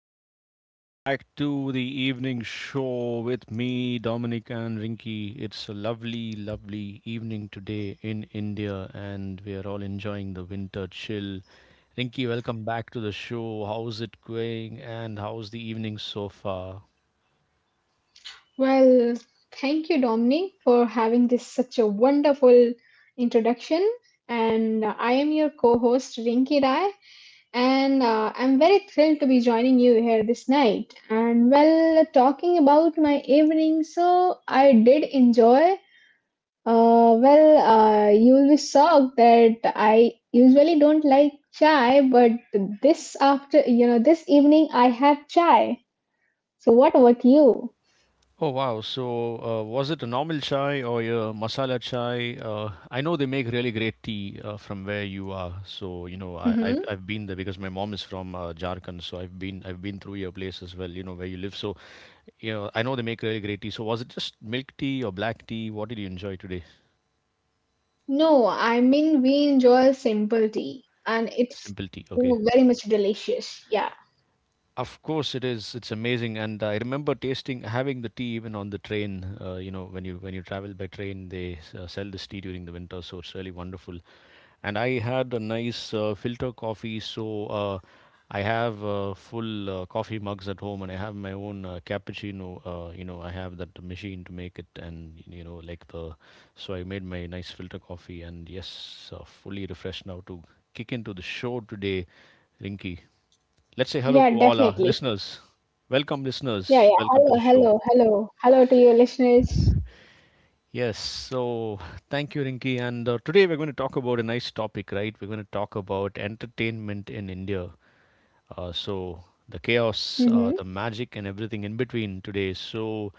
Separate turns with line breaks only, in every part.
and welcome back to the evening show with me, Dominic and Rinky. It's a lovely, lovely evening today in India and we are all enjoying the winter chill. Rinky, welcome back to the show. How's it going and how's the evening so far?
Well, thank you, Dominic, for having this such a wonderful introduction. And I am your co-host, Rinki Rai, and I'm very thrilled to be joining you here this night. And well, talking about my evening, so I did enjoy. You will be shocked that I usually don't like chai, but this this evening I had chai. So what about you?
Oh wow! So was it a normal chai or a masala chai? I know they make really great tea from where you are. So you know, I, I've I've been there because my mom is from Jharkhand. So I've been through your place as well. You know where you live. So you know, I know they make really great tea. So was it just milk tea or black tea? What did you enjoy today?
No, I mean we enjoy simple tea and it's
Simple tea. Okay.
very much delicious. Yeah.
Of course, it is. It's amazing, and I remember tasting having the tea even on the train. You know, when you travel by train, they sell this tea during the winter, so it's really wonderful. And I had a nice filter coffee, so uh, I have full coffee mugs at home, and I have my own cappuccino. You know, I have that machine to make it, and you know, like the so I made my nice filter coffee, and yes, fully refreshed now to kick into the show today, Rinky. Let's say hello
Yeah,
to all our
definitely.
listeners. Welcome,
Yeah,
listeners.
yeah.
Welcome to
Hello,
the show.
hello, hello. Hello to your listeners.
Yes, so thank you, Rinki. And today we're going to talk about a nice topic, right? We're going to talk about entertainment in India. So the chaos,
Mm-hmm.
the magic, and everything in between today. So,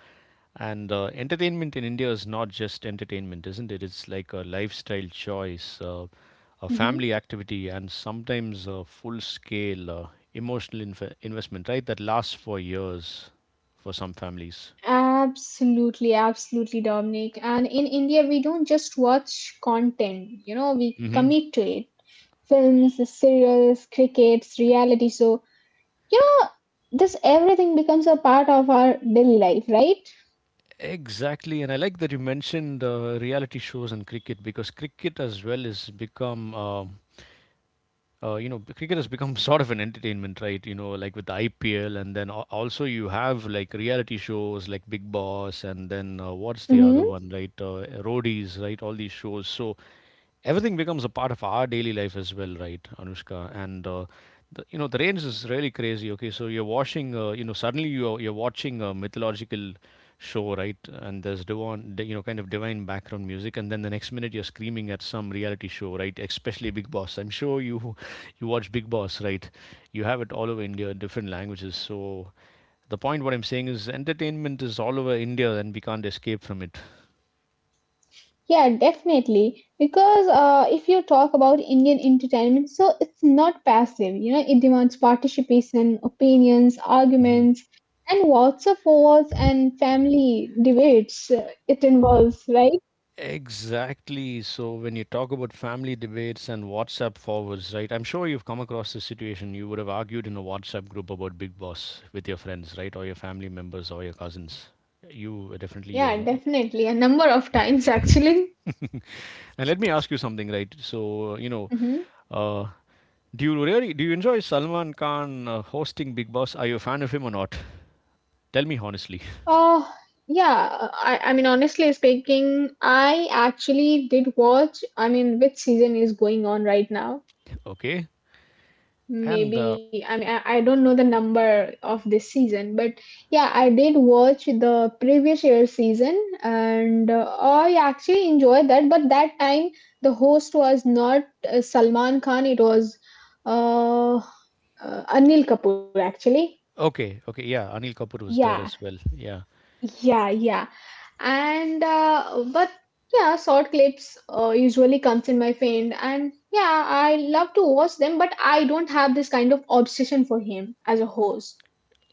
and entertainment in India is not just entertainment, isn't it? It's like a lifestyle choice, a
Mm-hmm.
family activity, and sometimes a full scale emotional investment, right? That lasts for years for some families.
Absolutely, absolutely, Dominic. And in India, we don't just watch content, you know, we
Hmm.
commit to it. Films, serials, crickets, reality. So, you know, this everything becomes a part of our daily life, right?
Exactly, and I like that you mentioned reality shows and cricket because cricket as well has become, you know, cricket has become sort of an entertainment, right? You know, like with the IPL, and then also you have like reality shows like Big Boss, and then what's the
Mm-hmm.
other one, right? Roadies, right? All these shows. So everything becomes a part of our daily life as well, right, Anushka? And the, you know, the range is really crazy. Okay, so you're watching, you know, suddenly you're watching a mythological show, right? And there's divine, you know, kind of divine background music, and then the next minute you're screaming at some reality show, right? Especially Big Boss. I'm sure you you watch Big Boss, right? You have it all over India, different languages. So the point what I'm saying is entertainment is all over India, and we can't escape from it.
Yeah, definitely. Because if you talk about Indian entertainment, so it's not passive. You know, it demands participation, opinions, arguments, and lots of wars and family debates. It involves, right?
Exactly. So when you talk about family debates and WhatsApp forwards, right? I'm sure you've come across this situation. You would have argued in a WhatsApp group about Big Boss with your friends, right? Or your family members or your cousins. You were definitely
Yeah,
you're not-
definitely. A number of times, actually.
And let me ask you something, right? So, you know,
Mm-hmm.
uh, do you really do you enjoy Salman Khan hosting Big Boss? Are you a fan of him or not? Tell me honestly.
Uh, yeah. I mean, honestly speaking, I actually did watch. I mean, which season is going on right now?
Okay. And
Maybe I don't know the number of this season, but yeah, I did watch the previous year season, and I actually enjoyed that, but that time the host was not Salman Khan, it was uh, Anil Kapoor, actually.
okay, okay, yeah, Anil Kapoor was
Yeah.
there as well. Yeah.
Yeah, yeah. And but yeah, short clips usually comes in my feed, and yeah, I love to watch them, but I don't have this kind of obsession for him as a host.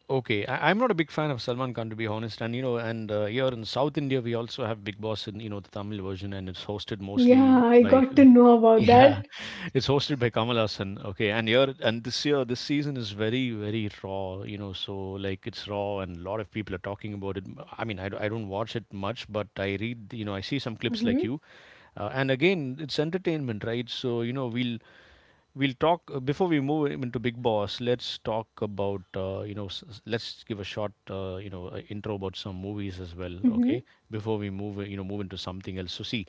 Okay, I'm not a big fan of Salman Khan to be honest, and you know, and here in South India we also have Big Boss in you know the Tamil version, and it's hosted mostly
Yeah, I
by
got to know about
yeah,
that.
it's hosted by Kamal Hassan. Okay, and here and this year this season is very very raw, you know, so like it's raw and a lot of people are talking about it. I mean, I don't watch it much, but I read you know I see some clips like
Hmm.
you, and again it's entertainment, right? So you know we'll talk before we move into Big Boss. Let's talk about you know. Let's give a short you know intro about some movies as well. Okay,
Hmm.
before we move you know move into something else. So see,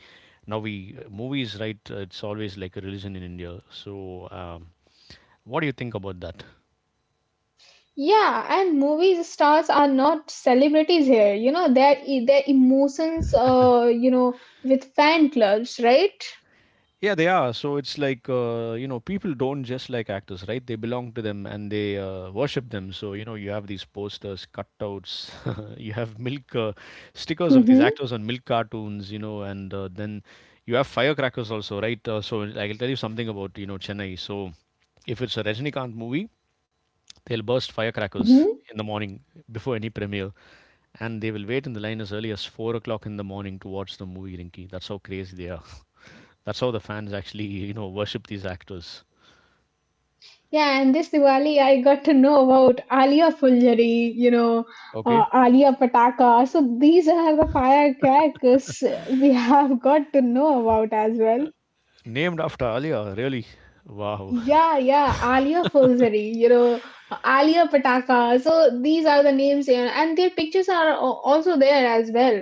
now we movies right? It's always like a religion in India. So what do you think about that?
Yeah, and movie stars are not celebrities here. You know, their emotions, you know, with fan clubs, right?
Yeah, they are. So it's like you know, people don't just like actors, right? They belong to them and they worship them. So you know, you have these posters, cutouts. You have milk stickers of these
Mm-hmm.
actors on milk cartoons, you know, and then you have firecrackers also, right? So I'll tell you something about you know Chennai. So if it's a Rajinikanth movie, they'll burst firecrackers
Mm-hmm.
in the morning before any premiere, and they will wait in the line as early as 4 o'clock in the morning to watch the movie. Rinky, that's how crazy they are. That's how the fans actually, you know, worship these actors.
Yeah, and this Diwali I got to know about Alia Fulgari, you know,
Okay.
Alia Pataka. So these are the firecrackers we have got to know about as well.
Named after Alia, really. Wow.
Yeah, yeah, Alia Fulgari, you know, Alia Pataka. So these are the names, and their pictures are also there as well.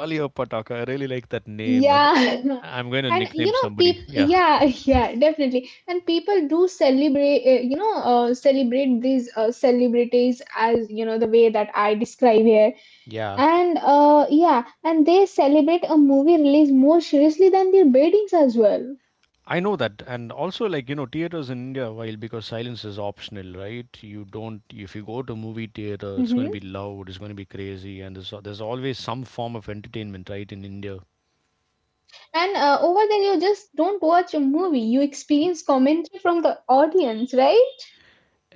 Alia Pataka, I really like that name.
Yeah.
I'm going to
And you
nickname
know,
somebody.
people,
Yeah.
yeah, yeah, definitely. And people do celebrate, celebrate these celebrities as, you know, the way that I describe here.
Yeah.
And Yeah, and they celebrate a movie release more seriously than their ratings as well.
I know that. And also, like, you know, theaters in India, while because silence is optional, right? You don't, if you go to a movie theater, it's going to
Hmm.
be loud, it's going to be crazy. And there's always some form of entertainment, right, in India.
And Over there, you just don't watch a movie, you experience commentary from the audience, right?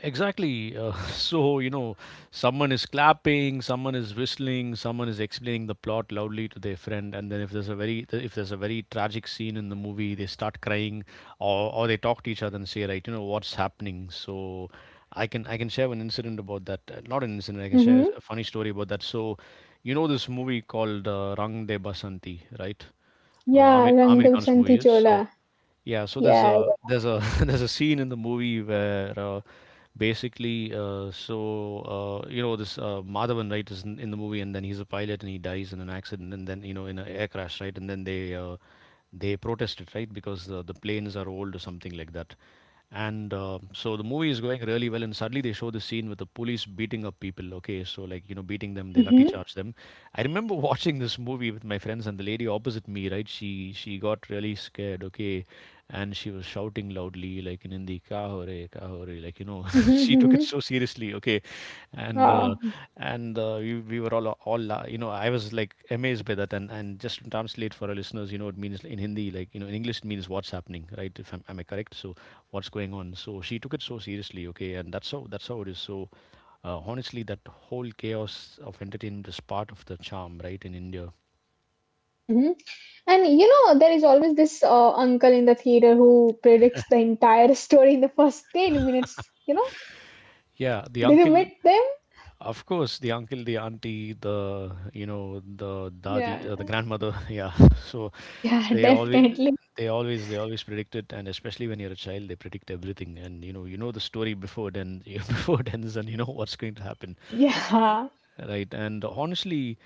Exactly. So, you know, someone is clapping, someone is whistling, someone is explaining the plot loudly to their friend, and then if there's a very tragic scene in the movie, they start crying or they talk to each other and say, right, you know, what's happening? So I can share an incident about that. Not an incident, I can
Mm-hmm.
share a funny story about that. So, you know this movie called Rang De Basanti, right?
Yeah, Rang
Amir
de
Khan's movie
Basanti
is. So
Chola.
yeah, so there's
Yeah.
a there's a there's a scene in the movie where basically so you know this Madhavan right is in the movie and then he's a pilot and he dies in an accident and then you know in an air crash right and then they protest it right because the planes are old or something like that and so the movie is going really well and suddenly they show the scene with the police beating up people, okay, so like you know beating them they lathi
Mm-hmm.
charge them. I remember watching this movie with my friends and the lady opposite me right she got really scared, okay, and she was shouting loudly like in Hindi, "Kya ho re, kya ho re?" Like you know,
Mm-hmm.
she took it
Mm-hmm.
so seriously. Okay, and
Wow.
we, we were all you know I was like amazed by that. And just to translate for our listeners, you know, it means in Hindi like you know in English it means what's happening, right? If I'm am I correct? So what's going on? So she took it so seriously. Okay, and that's how it is. So. Honestly, that whole chaos of entertainment is part of the charm, right? In India,
Hmm. And you know, there is always this uncle in the theater who predicts the entire story in the first 10 minutes. You know,
yeah, the
did you
uncle.
meet them?
Of course, the uncle, the auntie, the you know, the dadi,
Yeah.
the grandmother, yeah. So
Yeah,
they always,
definitely.
they always predict it, and especially when you're a child, they predict everything, and you know the story before it and before it ends, and you know what's going to happen,
Yeah.
right? And honestly,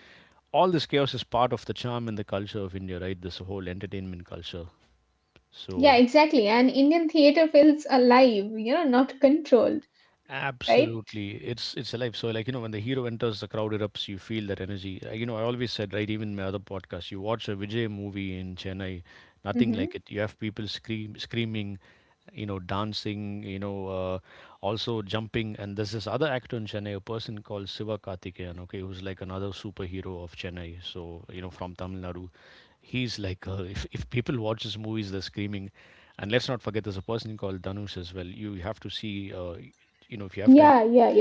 all this chaos is part of the charm and the culture of India, right? This whole entertainment culture.
Yeah,
So
exactly. And Indian theater feels alive, you know, not controlled, right?
absolutely. It's alive. So like, you know, when the hero enters, the crowd erupts, you feel that energy. You know, I always said, right, even in my other podcast, you watch a Vijay movie in Chennai, nothing
Mm-hmm.
like it. You have people screaming, you know, dancing, you know, also jumping. And there's this other actor in Chennai, a person called Siva Karthikeyan, okay, who's like another superhero of Chennai. So, you know, from Tamil Nadu. He's like, if people watch his movies, they're screaming. And let's not forget, there's a person called Dhanush as well. You have to see. You know if you have
Yeah,
time
yeah, yeah.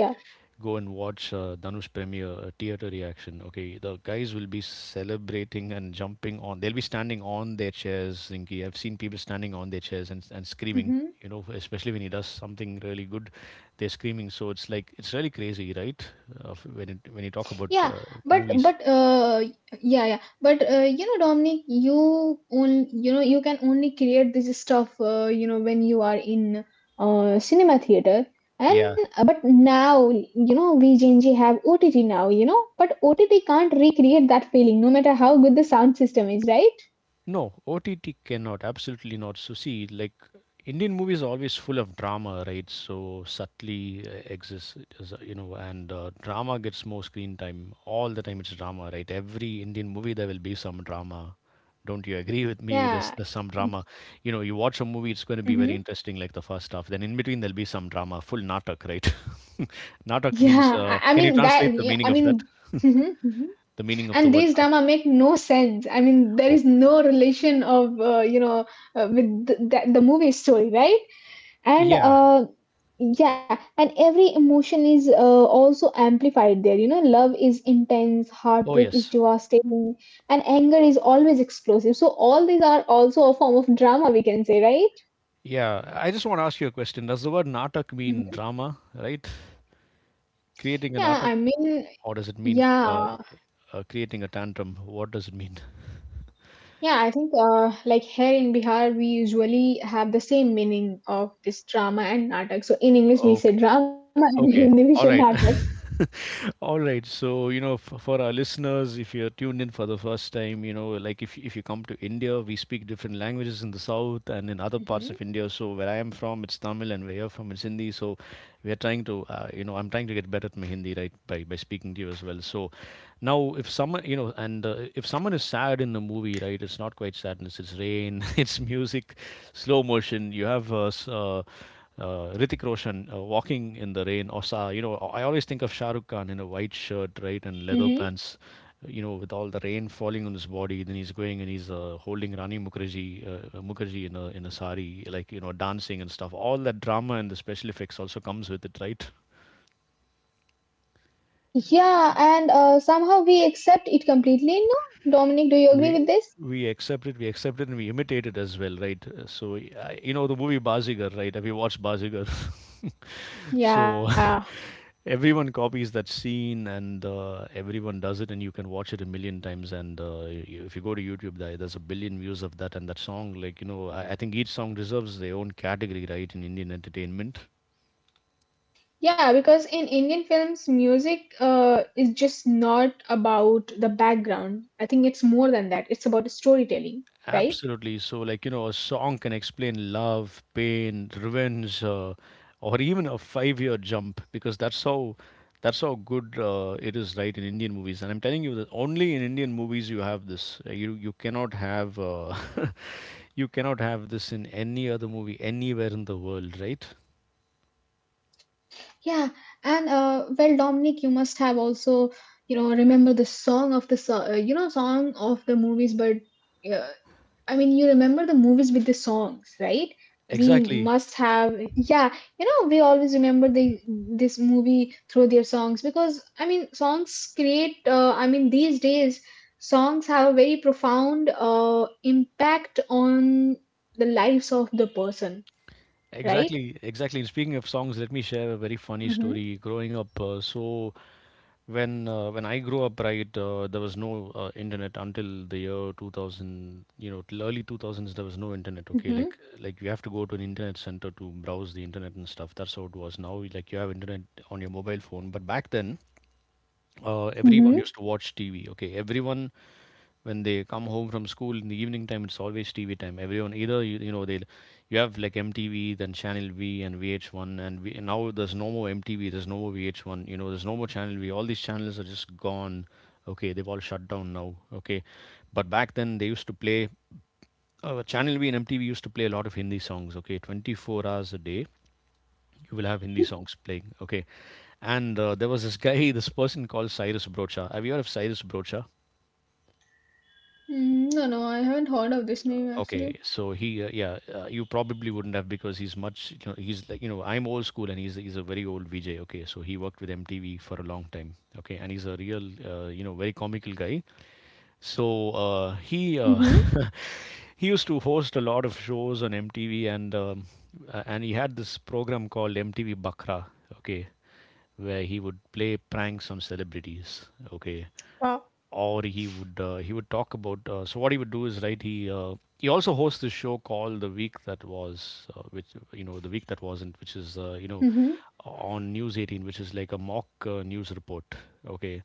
go and watch Dhanush premiere theater reaction. Okay, the guys will be celebrating and jumping on. They'll be standing on their chairs, Rinki. I've seen people standing on their chairs and screaming.
Mm-hmm.
You know, especially when he does something really good, they're screaming. So it's like it's really crazy, right? When you talk about
Yeah, but
movies.
yeah yeah but you know, Dominic, you can only create this stuff you know, when you are in cinema theater, and
Yeah.
but now you know we Gen Z have OTT now, you know, but OTT can't recreate that feeling, no matter how good the sound system is, right?
No, OTT cannot, absolutely not. So see, like Indian movies are always full of drama, right? So subtly exists, is, and drama gets more screen time all the time. It's drama, right? Every Indian movie there will be some drama. Don't you agree with me? There's
Yeah.
there's some drama. You know, you watch a movie, it's going to be
Mm-hmm.
very interesting, like the first half. Then in between there'll be some drama, full natak, right? Natak
Yeah,
means.
I mean
Can you
that, yeah,
translate the
I
meaning of
mean
that?
mhm, mhm.
The meaning of
And
the word
these
natak?
drama make no sense. I mean, there is
Oh,
no relation of with the movie story, right? and
yeah.
Yeah, and every emotion is also amplified there. You know, love is intense,
Oh,
heartbreak is
yes.
devastating, and anger is always explosive. So all these are also a form of drama, we can say, right?
Yeah, I just want to ask you a question. Does the word natak mean
Mhm.
drama, right? Creating a
yeah i
natak,
mean
or does it mean
yeah.
creating a tantrum? What does it mean?
Yeah, I think like here in Bihar, we usually have the same meaning of this drama and natak. So in English, we say drama and in Hindi, we
Okay.
say
All
natak.
right. All right. So, you know, f for our listeners, if you're tuned in for the first time, like if you come to India, we speak different languages in the south and in other parts
Hmm.
of India. So where I am from, it's Tamil, and where you're from, it's Hindi. So we are trying to, I'm trying to get better at my Hindi, right, by speaking to you as well. So now, if someone, you know, and if someone is sad in the movie, right, it's not quite sadness. It's rain. It's music, slow motion. You have Ritik Roshan walking in the rain, or I always think of Shah Rukh Khan in a white shirt, right, and leather
Hmm.
pants, with all the rain falling on his body. Then he's going and he's holding Rani Mukherjee in a sari, like dancing and stuff. All that drama and the special effects also comes with it, right?
Yeah, and somehow we accept it completely. No, Dominic, do you agree
we
with this?
we accept it, we accept it, and we imitate it as well, right? So you know the movie Bazigar, right? Have you watched Bazigar?
Yeah.
So everyone copies that scene, and everyone does it, and you can watch it a million times. And if you go to YouTube, there's a billion views of that and that song. Like I think each song deserves their own category, right, in Indian entertainment.
Yeah, because in Indian films, music is just not about the background. I think it's more than that. It's about storytelling, right?
Absolutely. So, like, a song can explain love, pain, revenge, or even a 5-year jump because that's how good it is, right, in Indian movies. And I'm telling you that only in Indian movies you have this. You you cannot have You cannot have this in
Mm-hmm.
any other movie anywhere in the world, right?
Yeah, and well, Dominic, you must have also, you know, remember the song of the song of the movies, but uh, I mean, you remember the movies with the songs, right? We
Exactly.
must have, yeah, you know, we always remember the this movie through their songs, because I mean, songs create. I mean, these days, songs have a very profound impact on the lives of the person, right?
Exactly, exactly. And speaking of songs, let me share a very funny
Mm-hmm.
story. Growing up, when when I grew up, right, there was no internet until the year 2000. You know, till early 2000s, there was no internet. Okay,
Mm-hmm.
like you have to go to an internet center to browse the internet and stuff. That's how it was. Now, like you have internet on your mobile phone, but back then, everyone
Mm-hmm.
used to watch TV. Okay, everyone, when they come home from school in the evening time, it's always TV time. Everyone, either you, you know, they you have like MTV, then Channel V and VH1, and, V, and now there's no more MTV, there's no more VH1, there's no more Channel V. All these channels are just gone. Okay, they've all shut down now. Okay, but back then they used to play Channel V and MTV used to play a lot of Hindi songs. Okay, 24 hours a day you will have Hindi
Mm-hmm.
songs playing. Okay, and there was this guy this person called Cyrus Brocha. Have you heard of Cyrus Brocha?
Mm, no, no, I haven't heard of this name actually.
Okay, so he, yeah, you probably wouldn't have because he's much, he's like, I'm old school and he's a very old VJ. Okay, so he worked with MTV for a long time. Okay, and he's a real, very comical guy. So he
Mm-hmm.
he used to host a lot of shows on MTV, and he had this program called MTV Bakra, okay, where he would play pranks on celebrities, okay,
Wow.
or he would talk about. So what he would do is right. He also hosts this show called The Week That Was, which you know the week that wasn't, which is
Mm-hmm.
on News 18, which is like a mock news report, okay,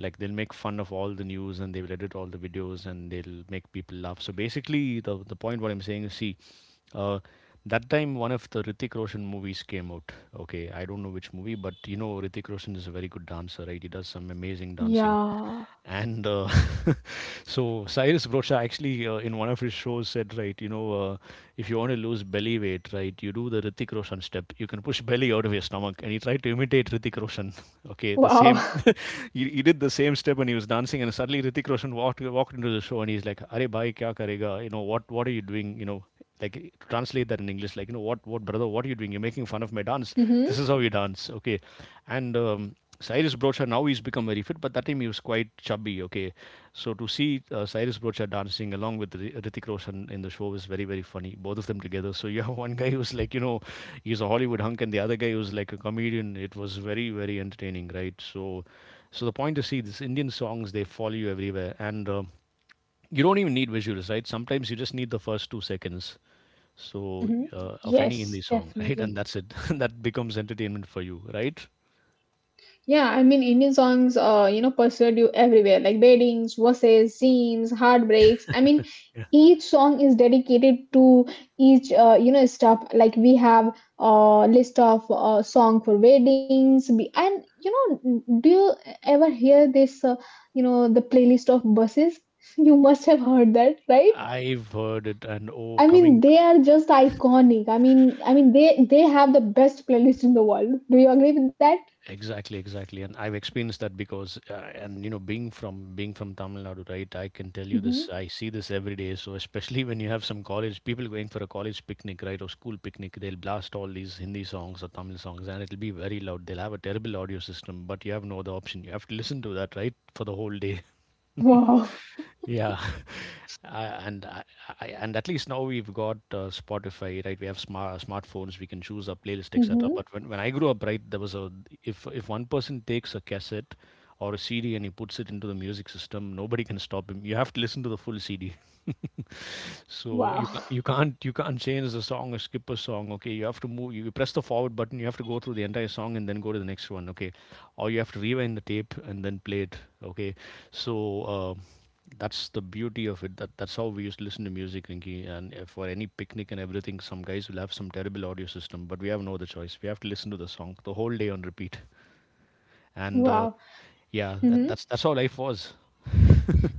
like they'll make fun of all the news and they will edit all the videos and they'll make people laugh. So basically the point what I'm saying is, see, uh, that time one of the Ritik Roshan movies came out. Okay, I don't know which movie, but you know Ritik Roshan is a very good dancer, right? He does some amazing dancing.
Yeah.
And so Cyrus Brocha actually in one of his shows said, right, if you want to lose belly weight, right, you do the Ritik Roshan step. You can push belly out of your stomach. And he tried to imitate Ritik Roshan. Okay, the
Wow.
same. He did the same step and he was dancing. And suddenly Ritik Roshan walked into the show and he's like, "Arey bhai, kya karega? You know what? What are you doing? You know." Like translate that in English, like you know what brother, what are you doing? You're making fun of my dance. This is how you dance, okay? And Cyrus Broadshaw, now he's become very fit, but that time he was quite chubby. Okay, so to see Cyrus Broadshaw dancing along with Hrithik Roshan in the show was very, very funny. Both of them together. So you have one guy who's like, he's a Hollywood hunk, and the other guy who's like a comedian. It was very, very entertaining, right? So, the point is, see, these Indian songs they follow you everywhere, and you don't even need visuals, right? Sometimes you just need the first 2 seconds. So
Hmm.
uh, of any Hindi
Yes,
song, right? And
definitely.
that's it. That becomes entertainment for you, right?
Yeah, I mean, Indian songs, you know, pursued you everywhere, like weddings, verses, scenes, heartbreaks. I mean, each song is dedicated to each, stuff. Like we have a list of song for weddings, and you know, do you ever hear this? You know, the playlist of buses. You must have heard that, right?
I've heard it, and oh,
I mean,
coming.
they are just iconic. I mean, they have the best playlist in the world. Do you agree with that?
Exactly, exactly, and I've experienced that because, and being from Tamil Nadu, right? I can tell you
Mm-hmm.
this. I see this every day. So especially when you have some college people going for a college picnic, right, or school picnic, they'll blast all these Hindi songs or Tamil songs, and it'll be very loud. They'll have a terrible audio system, but you have no other option. You have to listen to that, right, for the whole day.
Wow.
Yeah. And I, and at least now we've got Spotify, right? We have smartphones. We can choose our playlist, etc.
Mm-hmm.
But when I grew up, right, there was a, if one person takes a cassette or a CD and he puts it into the music system, nobody can stop him. You have to listen to the full CD. So
Wow.
you can't change the song or skip a song. Okay, you have to move. You press the forward button. You have to go through the entire song and then go to the next one. Okay, or you have to rewind the tape and then play it. Okay, so. That's the beauty of it. That's how we used to listen to music, Rinky. And if for any picnic and everything, some guys will have some terrible audio system, but we have no other choice. We have to listen to the song the whole day on repeat. And
Wow.
yeah, that,
Mm-hmm.
that's that's how life was.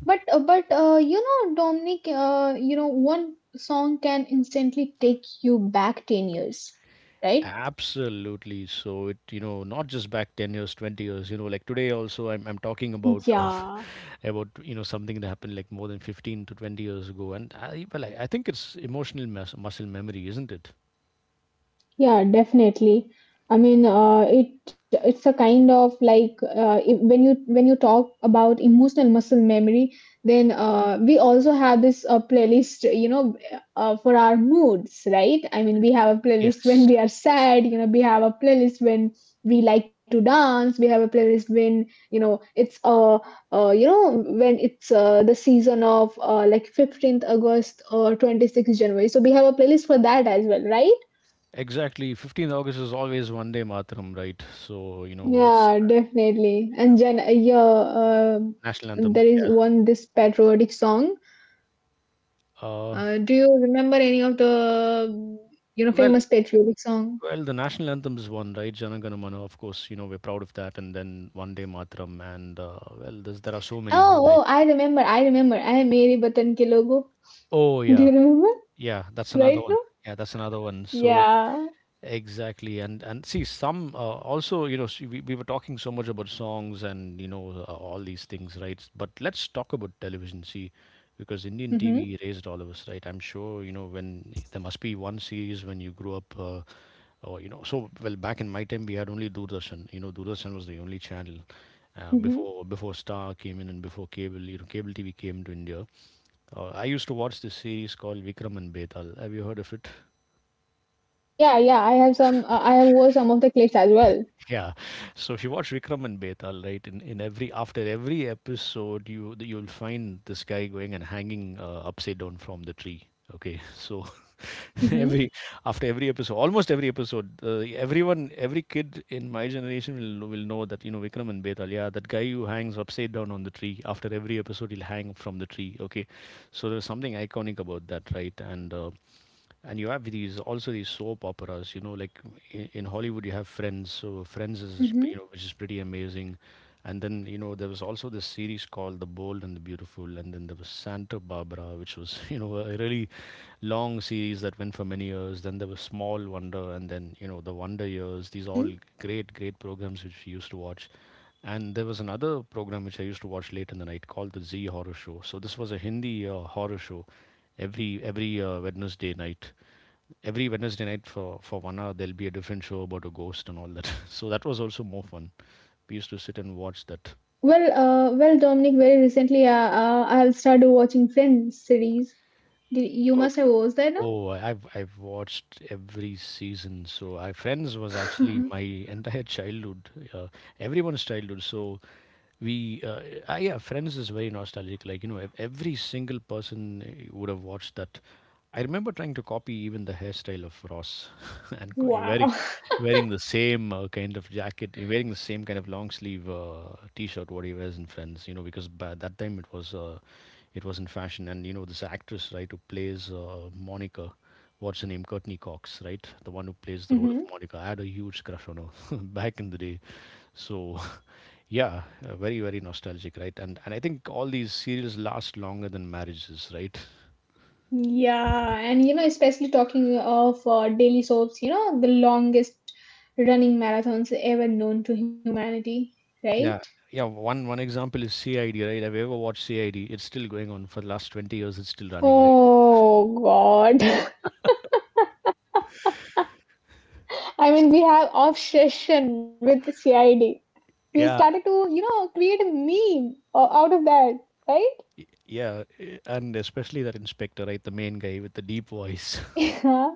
But You know, Dominic, you know, one song can instantly take you back 10 years, right?
Absolutely. So it, not just back 10 years, 20 years. You know, like today also, I'm talking about
Yeah.
about something that happened like more than 15 to 20 years ago. And I, well, I think it's emotional muscle memory, isn't it?
Yeah, definitely. I mean, it's a kind of like if, when you talk about emotional muscle memory, then we also have this playlist, you know, for our moods, right? I mean, we have a playlist when
Yes.
we are
Yes.
sad, you know, we have a playlist when we like to dance, we have a playlist when you know it's you know when it's the season of like 15th August or 26th January. So we have a playlist for that as well, right?
Exactly. 15th August is always one day Mataram, right? So, it's
Yeah, definitely.
national anthem.
There is
Yeah.
one this patriotic song.
Uh,
Do you remember any of the
well,
famous patriotic song?
well, the national anthem is one, right? Janagana Mana, of course, we're proud of that. And then one day Mataram. And, well, there are so many,
Oh,
right?
oh, I remember, I remember. I am Meri Vatan Ke Logo.
Oh,
Do you
yeah.
remember
Yeah. That's another
right
one.
now?
Yeah. That's another one. So,
Yeah.
exactly, and see some also see, we were talking so much about songs and all these things, right? But let's talk about television. See, because Indian
Mm-hmm.
TV raised all of us, right? I'm sure you know when there must be one series when you grew up, or you know. So well, back in my time we had only Doordarshan. You know, Doordarshan was the only channel
Mm-hmm.
before Star came in and before cable. You know, cable TV came to India. I used to watch this series called Vikram and Betal. Have you heard of it?
Yeah, yeah. I have some. I have wore some of the clips as well.
Yeah. So if you watch Vikram and Betal, right, in every after every episode, you'll find this guy going and hanging upside down from the tree. Okay, so
Mm-hmm.
every after every episode, almost every episode, everyone, every kid in my generation will know that you know Vikram and Betal. Yeah, that guy who hangs upside down on the tree. After every episode, he'll hang from the tree. Okay, so there's something iconic about that, right? And you have these also these soap operas, you know, like in Hollywood you have Friends. So Friends is, you
Mm-hmm.
know, which is pretty amazing. And then you know there was also this series called The Bold and the Beautiful, and then there was Santa Barbara, which was, you know, a really long series that went for many years. Then there was Small Wonder, and then, you know, The Wonder Years. These all
Mm-hmm.
great great programs which we used to watch. And there was another program which I used to watch late in the night called The Z Horror Show. So this was a Hindi horror show every Wednesday night, every Wednesday night for 1 hour there'll be a different show about a ghost and all that. So that was also more fun. We used to sit and watch that.
Well, well, Dominic. Very recently, I'll started watching Friends series. Did, you must
Okay.
have watched that, no?
Oh, I've watched every season. So I Friends was actually my entire childhood. Yeah, everyone's childhood. So we, uh, yeah, Friends is very nostalgic. Like, you know, every single person would have watched that. I remember trying to copy even the hairstyle of Ross, and
Wow.
wearing the same kind of jacket, wearing the same kind of long sleeve t-shirt what he wears in Friends. You know, because by that time it was in fashion. And you know this actress, right, who plays Monica. What's her name? Courtney Cox, right? The one who plays the role of
Hmm.
Monica. I had a huge crush on her back in the day. So, yeah, very very nostalgic, right? And I think all these serials last longer than marriages, right?
Yeah, and you know, especially talking of daily soaps, you know, the longest running marathons ever known to humanity, right?
Yeah, yeah. One example is CID, right? Have you ever watched CID? It's still going on for the last 20 years. It's still running, right?
Oh God. I mean, we have obsession with CID. We
Yeah,
started to, you know, create a out of that, right?
yeah, and especially that inspector, right? The main guy with the deep voice.
Yeah.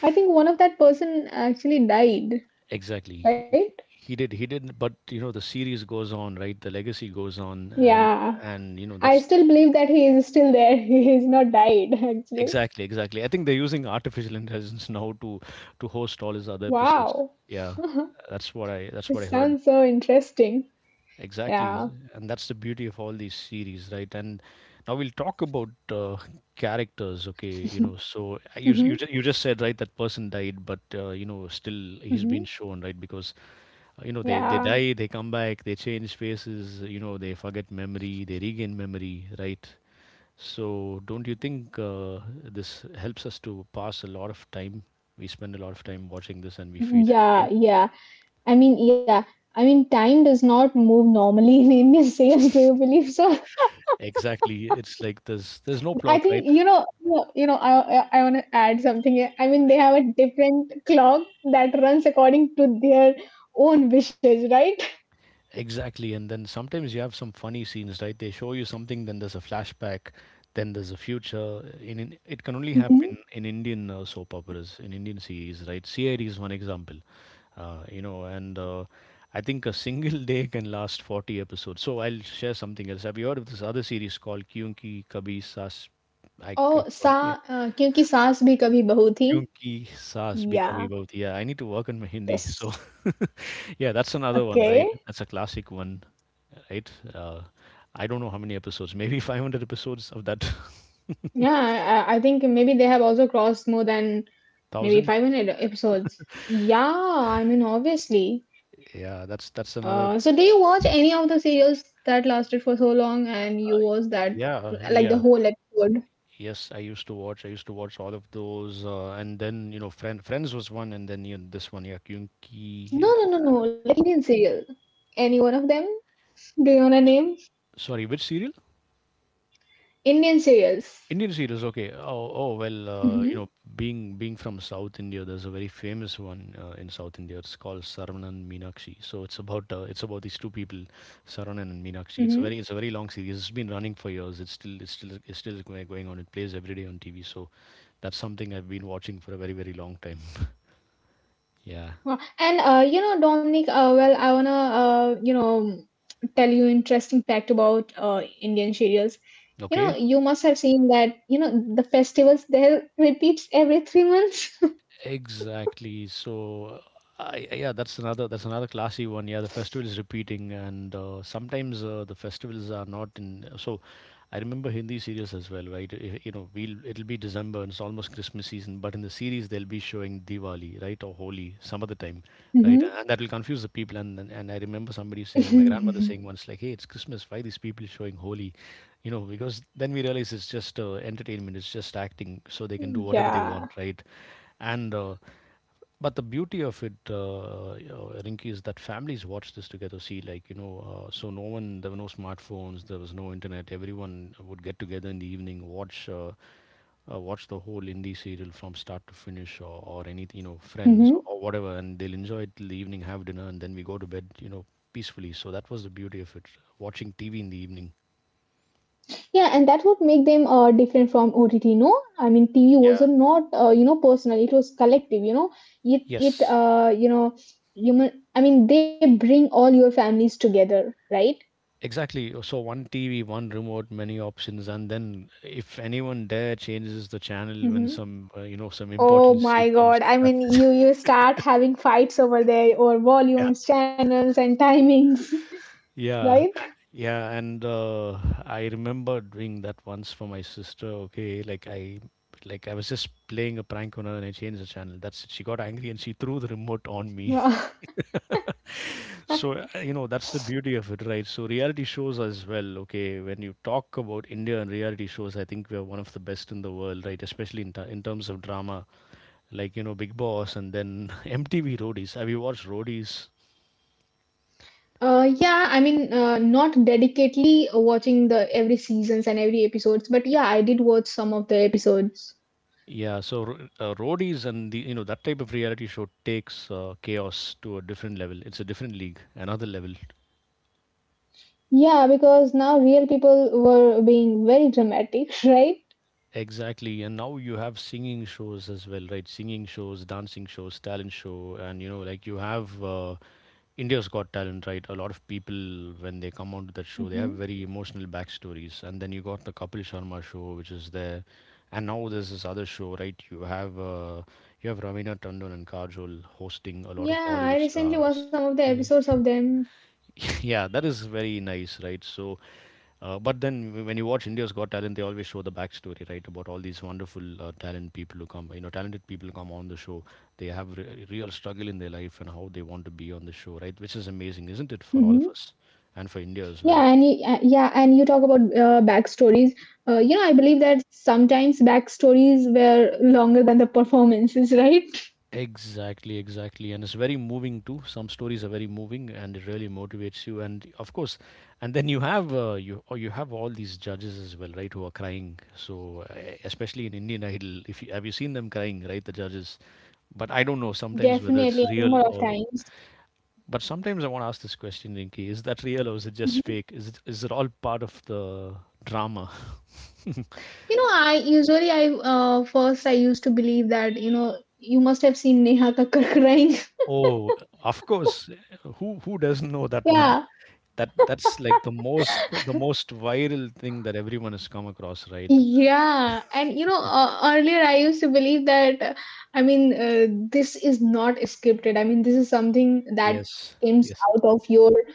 I think one of that person actually died,
Exactly.
right?
He he did, but you know, the series goes on, right? The legacy goes on,
Yeah.
and you know,
I
that's
still believe that he is still there. He is not died, actually.
exactly, exactly. I think they're using artificial intelligence now to host all his other episodes.
Wow,
Yeah, that's
it
what I heard.
sounds so interesting.
Exactly,
Yeah.
and that's the beauty of all these series, right? And now we'll talk about characters. Okay, you know, so you s- you ju-
Mm-hmm.
you just said, right, that person died, but you know, still he's been
Mm-hmm.
shown, right, because you know they
Yeah.
die, they come back, they change faces, you know, they forget memory, they regain memory, right? So, don't you think this helps us to pass a lot of time? We spend a lot of time watching this and we feel
Yeah,
entertained.
yeah. I mean, yeah. I mean, time does not move normally in Indian sales. Do you believe so?
Exactly. It's like there's no
I
plot, right?
think you know. You know. You know, I want to add something here. I mean, they have a different clock that runs according to their own wishes, right?
Exactly. And then sometimes you have some funny scenes, right? They show you something, then there's a flashback, then there's a future. In it can only
Mm-hmm.
happen in Indian soap operas, in Indian series, right? CID is one example. You know, and I think a single day can last 40 episodes. So I'll share something else. Have you heard of this other series called Kyunki Kabhi Saas? I
Oh, sa.
forgot. Yeah.
क्योंकि सास भी कभी बहू थी.
क्यों ki saas bhi kabhi
Yeah.
bahut. Yeah, I need to work on my Hindi.
Yes.
So, yeah, that's another one,
Okay.
right? That's a classic one, right? I don't know how many episodes, maybe 500 episodes of that
Yeah, I think maybe they have also crossed more than maybe
thousand.
500 episodes. Yeah, I mean, obviously.
Yeah, that's another.
So, do you watch any of the serials that lasted for so long and you watch that,
Yeah,
like the
yeah.
whole episode?
Yes, I used to watch. I used to watch all of those, and then you know, Friends was one, and then you know, this one, yeah, Kyunki.
No, no, no, no. Like Indian serial. Any one of them? Do you want to name?
Sorry, which serial?
Indian serials.
Indian series, okay. Oh, oh well,
Mm-hmm.
you know, being from South India, there's a very famous one in South India. It's called Saravanan Meenakshi. So it's about these two people, Saravanan and Meenakshi. It's a very, it's a very long series. It's been running for years. It's still going on. It plays every day on TV. So that's something I've been watching for a very very long time. Yeah.
Wow. And you know, Dominic, well, I wanna tell you interesting fact about Indian serials. You
Okay.
know, you must have seen that you know the festivals there repeats every 3 months.
Exactly. So, yeah, that's another, that's another classy one. Yeah, the festival is repeating, and sometimes the festivals are not in. So I remember Hindi serials as well, right? You know, we'll it'll be December and it's almost Christmas season, but in the series they'll be showing Diwali, right, or Holi some other time, right?
Hmm.
And that will confuse the people. And I remember somebody saying, my grandmother saying once, like, "Hey, it's Christmas. Why these people showing Holi?" You know, because then we realize it's just entertainment, it's just acting, so they can do whatever they
Yeah.
want, right? And but the beauty of it, Rinky, is that families watch this together. See, like you know, so no one, there were no smartphones, there was no internet. Everyone would get together in the evening, watch, watch the whole indie serial from start to finish, or anything, you know, Friends
Hmm.
or whatever, and they'll enjoy it till the evening, have dinner, and then we go to bed, you know, peacefully. So that was the beauty of it, watching TV in the evening.
Yeah, and that would make them different from OTT. No, I mean TV was
Yeah.
not you know personal; it was collective. You know, it
Yes,
you know human. I mean, they bring all your families together, right?
exactly. So one TV, one remote, many options, and then if anyone there changes the channel when
Mm-hmm.
some you know some
Oh
important scene
my
comes,
God. I mean,
that's it.
you start having fights over there over
yeah,
volumes, channels, and timings,
yeah,
right?
yeah. And I remember doing that once for my sister. Okay, like I was just playing a prank on her, and I changed the channel. That's it. She got angry and she threw the remote on me. So, you know, that's the beauty of it, right? So, reality shows as well, okay, when you talk about India and reality shows, I think we're one of the best in the world, right? Especially in, in terms of drama, like, you know, Big Boss and then MTV Roadies. Have you watched Roadies?
Yeah, I mean, not dedicatedly watching the every seasons and every episodes, but yeah, I did watch some of the episodes.
Yeah, so Roadies and the, you know, that type of reality show takes chaos to a different level. It's a different league, another level.
Yeah, because now real people were being very dramatic, right?
Exactly. And now you have singing shows as well, right? Singing shows, dancing shows, talent show, and, you know, like you have. India's Got Talent, right? A lot of people, when they come onto that show, they have
Hmm.
very emotional backstories. And then you got the Kapil Sharma show, which is there, and now there's this other show, right? You have Ravina Tandon and Kajol hosting a lot of
Yeah,
Hollywood
I recently
stars.
watched some of the episodes of them.
yeah, that is very nice, right? So, but then when you watch India's Got Talent, they always show the backstory, right? About all these wonderful talent people who come, you know, talented people who come on the show. They have real struggle in their life and how they want to be on the show, right? Which is amazing, isn't it, for all of us and for India as well?
And you talk about backstories. You know, I believe that sometimes backstories were longer than the performances, right?
Exactly, exactly. And it's very moving too. Some stories are very moving and it really motivates you. And of course, and then you have you or you have all these judges as well, right, who are crying. So especially in Indian Idol, if you, have you seen them crying, right, the judges? But I don't know sometimes whether it's
Definitely, a number
real
of
or.
times.
But sometimes I want to ask this question, Rinki: is that real or is it just
Mhm.
fake? Is it, is it all part of the drama?
You know, I usually I first I used to believe that you know you must have seen Neha Kakkar crying.
Oh, of course. Who doesn't know that
Yeah.
one? That, that's like the most viral thing that everyone has come across, right?
Earlier I used to believe that, I mean, uh, this is not scripted. I mean, this is something that
Yes,
comes out
yes,
of your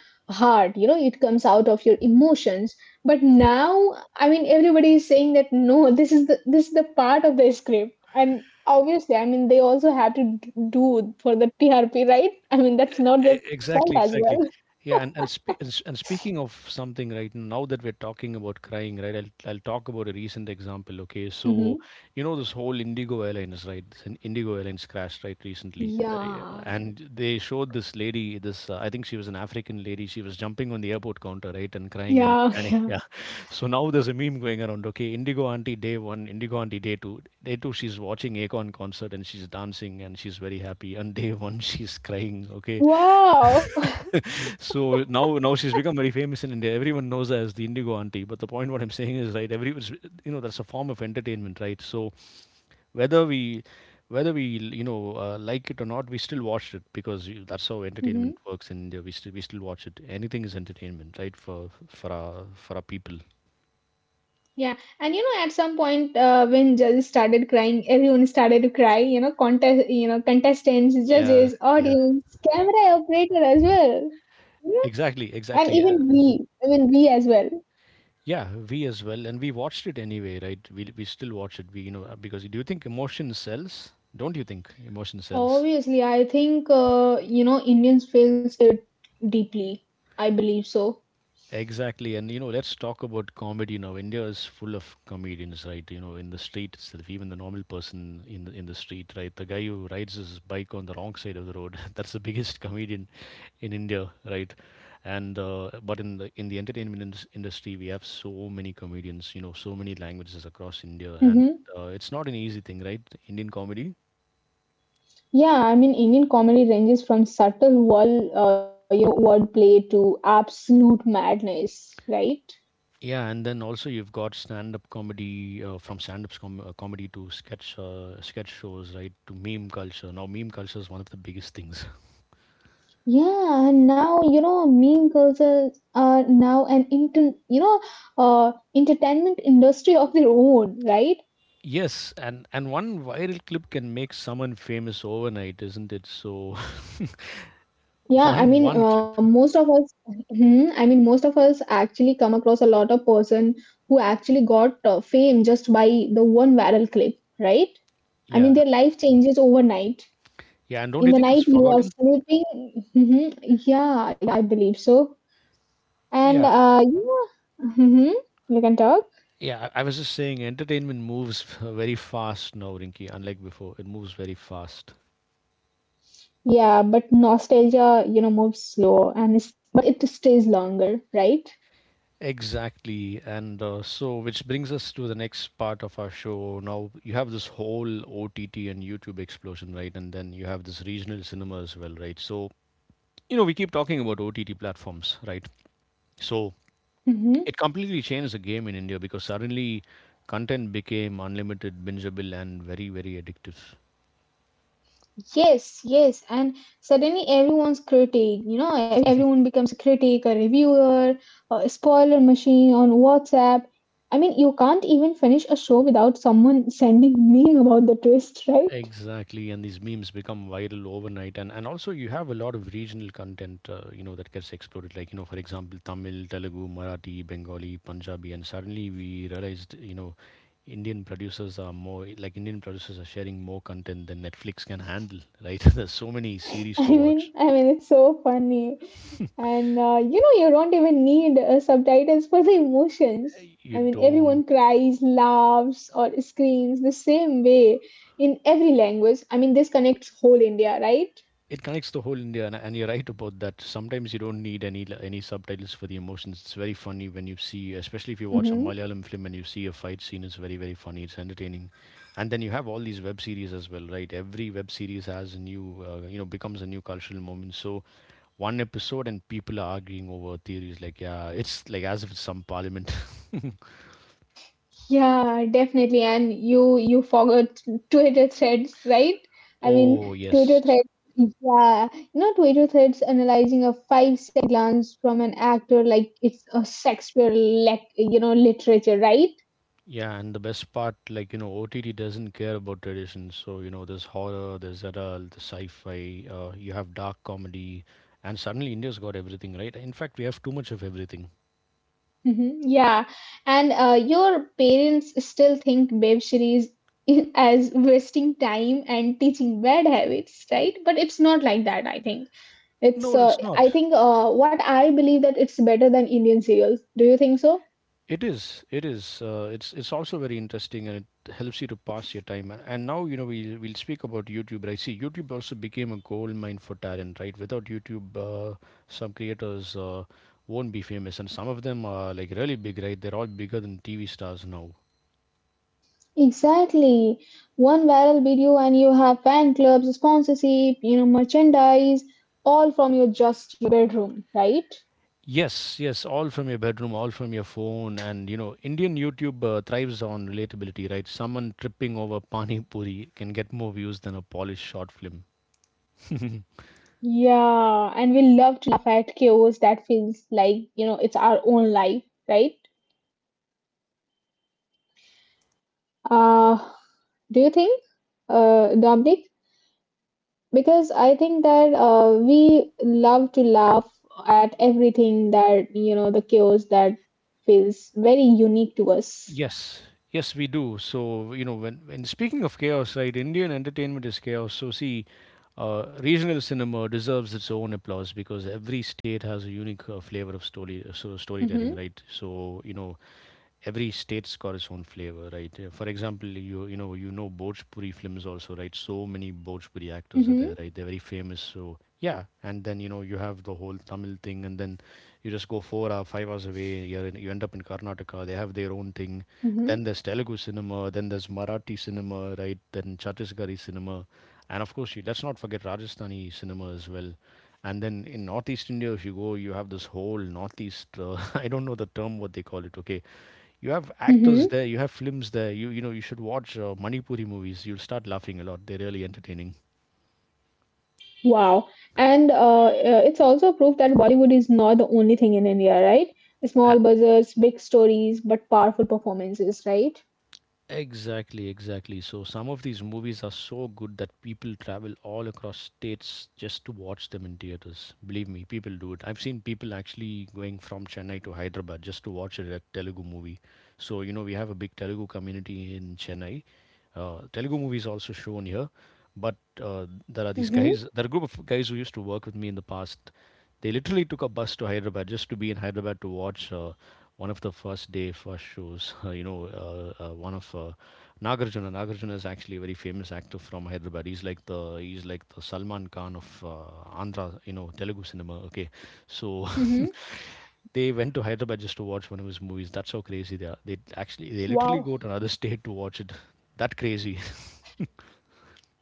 heart, you know, it comes out of your emotions. But now, I mean, everybody is saying that no, this is the part of the script. And obviously, I mean, they also have to do for the TRP, right? I mean, that's not their fault as
Exactly,
well.
exactly. And speaking of something, right? Now that we're talking about crying, right? I'll talk about a recent example. Okay, so
hmm
you know this whole Indigo Airlines, right? Indigo Airlines crash, right, recently, The-
Yeah.
and they showed this lady, this I think she was an African lady. She was jumping on the airport counter, right, and crying and
Yeah.
and yeah. So now there's a meme going around. Okay, Indigo Auntie Day One, Indigo Auntie Day Two, Day Two. She's watching Akon concert and she's dancing and she's very happy. And Day One, she's crying. Okay,
Wow.
so now she's become very famous in India. Everyone knows her as the Indigo auntie. But the point what I'm saying is right. Every you know That's a form of entertainment, right? So whether we whether we like it or not, we still watched it because that's how entertainment works in India. We still watch it. Anything is entertainment, right? For our people.
Yeah, and you know, at some point, When judges started crying, everyone started to cry. Contestants,
Yeah,
judges,
yeah,
audience, camera operator as well. You know,
exactly,
and
exactly.
even we as well.
Yeah, we as well, and we watched it anyway, right? We still watch it. We you know Because do you think emotion sells? Don't you think emotion sells?
Obviously, I think you know Indians feels it deeply. I believe so.
Exactly, and you know, let's talk about comedy now. India is full of comedians, right? You know, in the street itself, even the normal person in the street, right? The guy who rides his bike on the wrong side of the road, that's the biggest comedian in India, right? And But in the industry, we have so many comedians, you know, so many languages across India, and
Mm-hmm.
it's not an easy thing, right? Indian comedy.
Indian comedy ranges from subtle wall, you know, wordplay to absolute madness, right?
Yeah, and then also you've got stand-up comedy from stand-up comedy to sketch shows, right? To meme culture. Now, meme culture is one of the biggest things.
Yeah, and now you know meme cultures are now an inter you know entertainment industry of their own, right?
Yes, and one viral clip can make someone famous overnight, isn't it? So
Yeah, I
one
mean
one clip.
uh, most of us I mean most of us actually come across a lot of person who actually got fame just by the one viral clip, right? I mean
Yeah,
their life changes overnight.
yeah, and don't
In
you
the
think it's
night you are
forgotten?
sleeping. Hmm Yeah, yeah, I believe so.
Yeah,
And yeah, hmm you can talk.
yeah. I was just saying, entertainment moves very fast now, Rinky. Unlike before, it moves very fast.
Yeah, but nostalgia, you know, moves slow and is, but it stays longer, right?
Exactly. And so, which brings us to the next part of our show. Now, you have this whole OTT and YouTube explosion, right? And then you have this regional cinema as well, right? So, you know, we keep talking about OTT platforms, right? So,
hmm
it completely changed the game in India because suddenly content became unlimited, bingeable, and very, very addictive.
Yes, yes. And suddenly everyone's critic, you know, everyone becomes a critic, a reviewer, a spoiler machine on WhatsApp. I mean, you can't even finish a show without someone sending meme about the twist, right?
Exactly, and these memes become viral overnight, and also you have a lot of regional content, you know, that gets exploded. Like you know, for example, Tamil, Telugu, Marathi, Bengali, Punjabi, and suddenly we realized, you know, Indian producers are sharing more content than Netflix can handle. Right? There's so many series to watch.
It's so funny. And you know, you don't even need subtitles for the emotions.
You
I mean,
don't.
everyone cries, laughs, or screams the same way in every language. I mean, this connects whole India, right?
It connects the whole India, and you're right about that. Sometimes you don't need any subtitles for the emotions. It's very funny when you see, especially if you watch a
hmm
Malayalam film and you see a fight scene. It's very very funny. It's entertaining, and then you have all these web series as well, right? Every web series has a new, you know, becomes a new cultural moment. So one episode and people are arguing over theories like, yeah, it's like as if it's some parliament.
Yeah, definitely. And you forgot Twitter threads, right? I mean,
Oh
Twitter
yes.
threads. Yeah, you know, Twitter threads analyzing a five-second glance from an actor like it's a Shakespeare, literature, right?
Yeah, and the best part, like, you know, OTT doesn't care about traditions. So, you know, there's horror, there's adult, there's sci-fi, you have dark comedy, and suddenly India's got everything, right? In fact, we have too much of everything.
Mhm. Yeah, and your parents still think web series as wasting time and teaching bad habits, right? But it's not like that, I think.
No,
It's
it's
I
not.
think what I believe that it's better than Indian serials. Do you think so?
It is. It is. It's also very interesting, and it helps you to pass your time. And now, you know, we'll speak about YouTube. Right? See, YouTube also became a gold mine for talent, right? Without YouTube, some creators won't be famous, and some of them are like really big, right? They're all bigger than TV stars now.
Exactly. One viral video and you have fan clubs, sponsorship, you know, merchandise, all from your just your bedroom, right?
Yes, yes, all from your bedroom, all from your phone, and you know, Indian YouTube thrives on relatability, right? Someone tripping over pani puri can get more views than a polished short film.
Yeah, and we love to laugh at chaos that feels like, you know, it's our own life, right? Uh, do you think, Dominic? Because I think that we love to laugh at everything that, you know, the chaos that feels very unique to us.
Yes, yes, we do. So, you know, when speaking of chaos, right, Indian entertainment is chaos. So, see, regional cinema deserves its own applause because every state has a unique flavor of story, so storytelling,
Mm-hmm.
right? So, you know, every state's got its own flavor, right? For example, you know Bhojpuri films also, right? So many Bhojpuri actors are
Mm-hmm.
there, right? They're very famous. So yeah, and then you know you have the whole Tamil thing, and then you just go 4 hour, 5 hours away. You end up in Karnataka. They have their own thing.
Mm-hmm.
Then there's Telugu cinema. Then there's Marathi cinema, right? Then Chhattisgarhi cinema, and of course, let's not forget Rajasthani cinema as well. And then in Northeast India, if you go, you have this whole Northeast. I don't know the term what they call it. Okay, you have actors there, you have films there. You know you should watch Manipuri movies. You'll start laughing a lot. They're really entertaining.
Wow. And it's also proof that Bollywood is not the only thing in India, right?
A-
Small budgets, big stories, but powerful performances, right?
Exactly, exactly. So some of these movies are so good that people travel all across states just to watch them in theaters. Believe me, people do it. I've seen people actually going from Chennai to Hyderabad just to watch a Telugu movie. So, you know, we have a big Telugu community in Chennai. Telugu movies also shown here. But there are these
Mm-hmm.
guys, there are a group of guys who used to work with me in the past. They literally took a bus to Hyderabad just to be in Hyderabad to watch one of the first day first shows. You know, one of Nagarjuna. Nagarjuna is actually a very famous actor from Hyderabad. He's like the Salman Khan of Andhra. You know, Telugu cinema. Okay, so
Mm-hmm.
they went to Hyderabad just to watch one of his movies. That's how crazy they are. They
Wow.
literally go to another state to watch it. That crazy.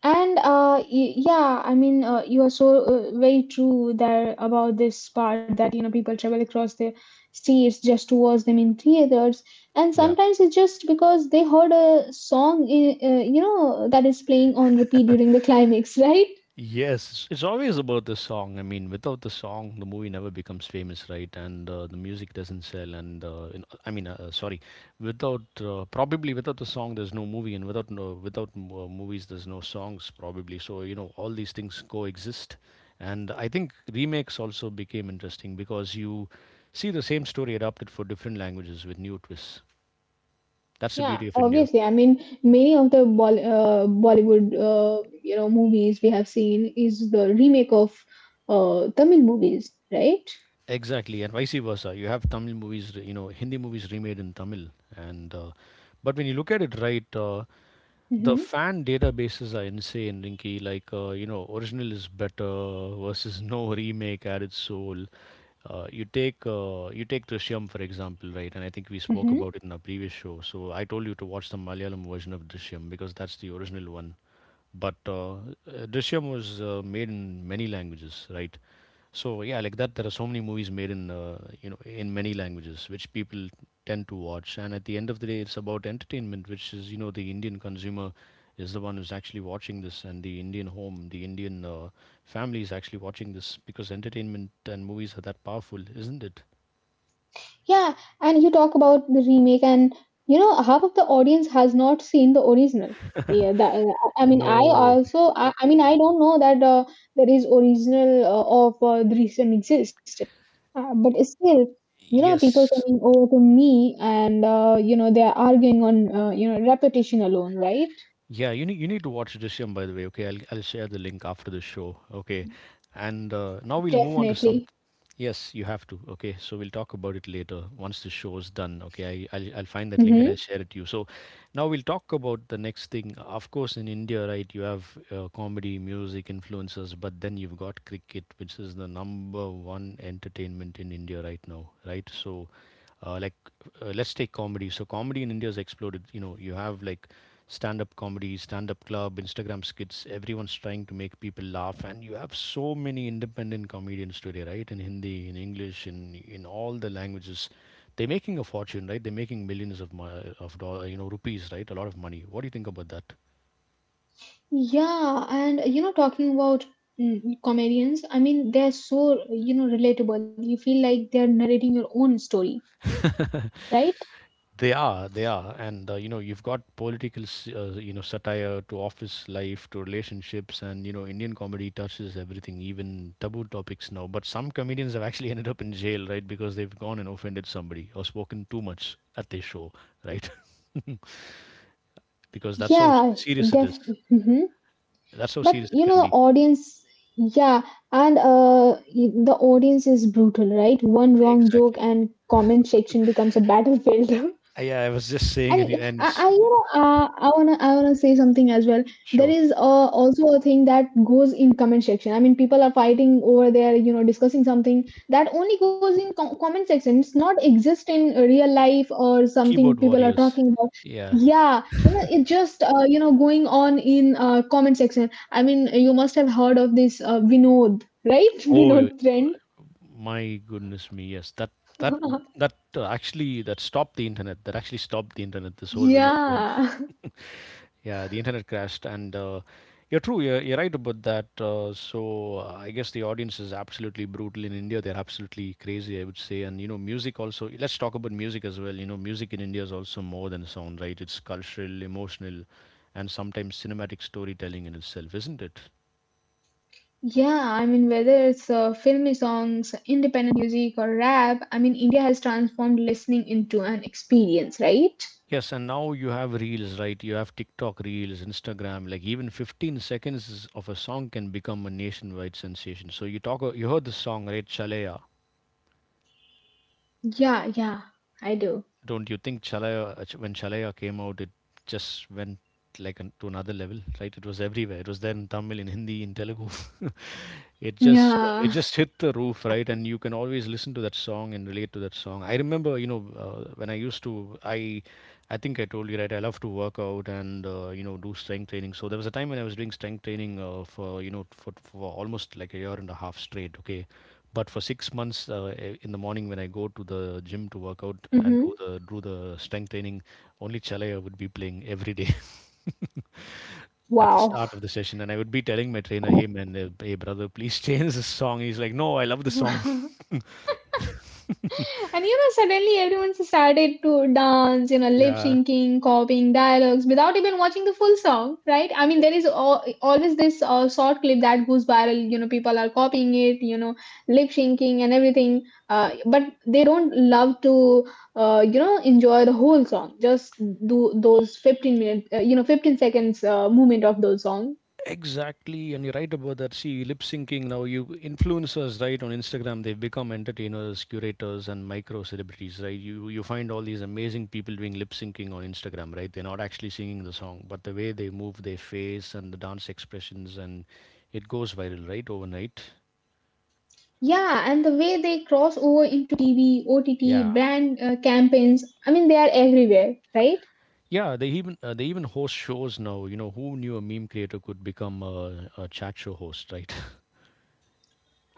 And yeah, I mean, you are so very true there about this part that you know people travel across the states just to watch them in theaters, and
Yeah.
sometimes it's just because they heard a song, you know, that is playing on repeat during the climax, right?
Yes, it's always about the song. I mean, without the song, the movie never becomes famous, right? And The music doesn't sell. And in, I mean, sorry, Without probably without the song, there's no movie, and without movies, there's no songs probably. So you know, all these things coexist. And I think remakes also became interesting because you see the same story adapted for different languages with new twists. That's the
Yeah,
beauty of India.
obviously. I mean, many of the Bollywood, you know, movies we have seen is the remake of Tamil movies, right?
Exactly, and vice versa. You have Tamil movies, you know, Hindi movies remade in Tamil, and but when you look at it right, the
Mm-hmm.
fan databases are insane, Rinky. Like you know, original is better versus no remake at its soul. You take Drishyam for example, right? And I think we spoke about it in our previous show. So I told you to watch the Malayalam version of Drishyam because that's the original one but Drishyam was made in many languages, right? So yeah, like that, there are so many movies made in in many languages, which people tend to watch. And at the end of the day, it's about entertainment, which is you know the Indian consumer is the one who's actually watching this, and the Indian home, the Indian family is actually watching this because entertainment and movies are that powerful, isn't it?
Yeah, and you talk about the remake, and you know half of the audience has not seen the original. Yeah, that I mean, I
No.
also, I mean, I don't know that there is original of the recent exist, but still, you know, people
Yes.
coming over to me and you know they are arguing on you know repetition alone, right?
Yeah, you need to watch Drishyam by the way. Okay, I'll share the link after the show. Okay, and now we'll move on to some.
Definitely.
Yes, you have to. Okay, so we'll talk about it later once the show is done. Okay, I'll find that link and
Hmm
I'll share it to you. So now we'll talk about the next thing. Of course, in India, right, you have comedy, music, influencers, but then you've got cricket, which is the number one entertainment in India right now. Right, so uh, like let's take comedy. So comedy in India has exploded. You know, you have like stand up comedy, stand up club, Instagram skits. Everyone's trying to make people laugh, and you have so many independent comedians today, right? In Hindi, in English, in all the languages, they're making a fortune, right? They're making millions of dollar, you know, rupees, right? A lot of money. What do you think about that?
Yeah, and you know, talking about mm, comedians, I mean, they're so, you know, relatable. You feel like they're narrating your own story, right?
They are, and you know you've got political, you know, satire to office life to relationships, and you know Indian comedy touches everything, even taboo topics now. But some comedians have actually ended up in jail, right, because they've gone and offended somebody or spoken too much at their show, right? Because that's how
Yeah,
serious it
def.
is.
Hmm
That's how
But
serious it
you
can
know, the
be.
audience, yeah, and the audience is brutal, right? One wrong joke
Exactly.
and comment section becomes a battlefield.
Yeah, I was just saying, and you-
And
and s-
I you know, I wanna say something as well. There
sure,
is also a thing that goes in comment section. I mean, people are fighting over there, you know, discussing something that only goes in comment section. It's not exist in real life or something
keyboard
people are
warriors.
talking about.
Yeah.
Yeah, you know, it just, you know, going on in comment section. I mean, you must have heard of this Vinod, right?
Oh, yeah.
Vinod trend.
My goodness me, yes. That that actually that stopped the internet. That actually stopped the internet. This whole window trend.
Yeah.
Yeah, the internet crashed, and you're true. You're right about that. I guess the audience is absolutely brutal in India. They're absolutely crazy, I would say. And you know, music also. Let's talk about music as well. You know, music in India is also more than sound, right? It's cultural, emotional, and sometimes cinematic storytelling in itself, isn't it?
Yeah, I mean, whether it's filmy songs, independent music, or rap, I mean, India has transformed listening into an experience, right?
Yes, and now you have reels, right? You have TikTok reels, Instagram. Like even 15 seconds of a song can become a nationwide sensation. So you talk, you heard this song, right? Chalaya.
Yeah, yeah, I do.
Don't you think Chalaya, when Chalaya came out, it just went like to another level, right? It was everywhere. It was there in Tamil, in Hindi, in Telugu. it just uh, it
Yeah.
just hit the roof, right? And you can always listen to that song and relate to that song. I remember, you know, when I think I told you, right? I love to work out, and you know, do strength training. So there was a time when I was doing strength training, for you know, for almost like a year and a half straight, okay, but for 6 months, in the morning when I go to the gym to work out and do
hmm
the do the strength training, only Chalaya would be playing every day at the start
Wow.
of the session, and I would be telling my trainer, "Hey man, hey brother, please change this song." He's like, "No, I love the song."
Wow. And you know, suddenly everyone started to dance, you know, lip
Yeah,
syncing, copying dialogues without even watching the full song, right? I mean, there is always this short clip that goes viral, you know, people are copying it, you know, lip syncing and everything but they don't love to you know enjoy the whole song just do those 15 minute you know 15 seconds movement of those songs
exactly. And you're right about that. See, lip syncing now, you influencers, right, on Instagram, they've become entertainers, curators, and micro celebrities, right? You find all these amazing people doing lip syncing on Instagram, right? They're not actually singing the song, but the way they move their face and the dance expressions, and it goes viral, right, overnight.
yeah and the way they cross over into tv
Yeah.
ott brand campaigns I mean they are everywhere right
Yeah, they even host shows now. You know, who knew a meme creator could become a chat show host, right?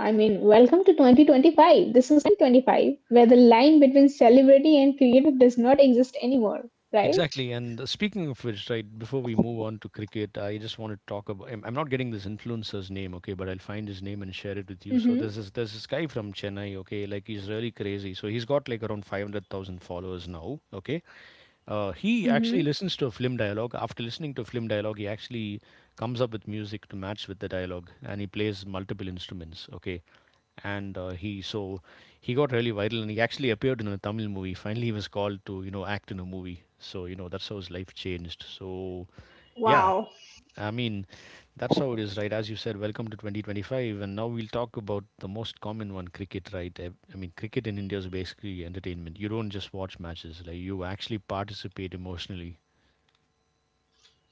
I mean welcome to 2025 this is 2025 where the line between celebrity and creator does not exist anymore right.
Exactly. And Speaking of which, right, before we move on to cricket, I just want to talk about. I'm not getting this influencer's name, okay, but I'll find his name and share it with you. So
Mm-hmm.
there's this guy from Chennai, okay, like he's really crazy. So he's got like around 500,000 followers now, okay. He actually
Mm-hmm.
listens to a film dialogue. After listening to a film dialogue, he actually comes up with music to match with the dialogue, and he plays multiple instruments, okay, and he got really viral and he actually appeared in a Tamil movie. Finally, he was called to, you know, act in a movie. So you know that's how his life changed. So yeah,
Wow.
I mean that's how it is, right? As you said, welcome to 2025, and now we'll talk about the most common one, cricket, right? I mean, cricket in India is basically entertainment. You don't just watch matches; like you actually participate emotionally.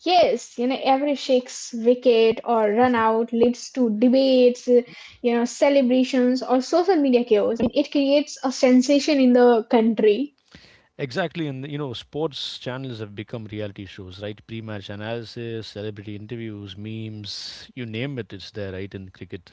Yes, you know, every six wicket or run out leads to debates, you know, celebrations or social media chaos. It creates a sensation in the country.
Exactly, and you know, sports channels have become reality shows, right? Pre-match analysis, celebrity interviews, memes, you name it, it's there, right? In cricket.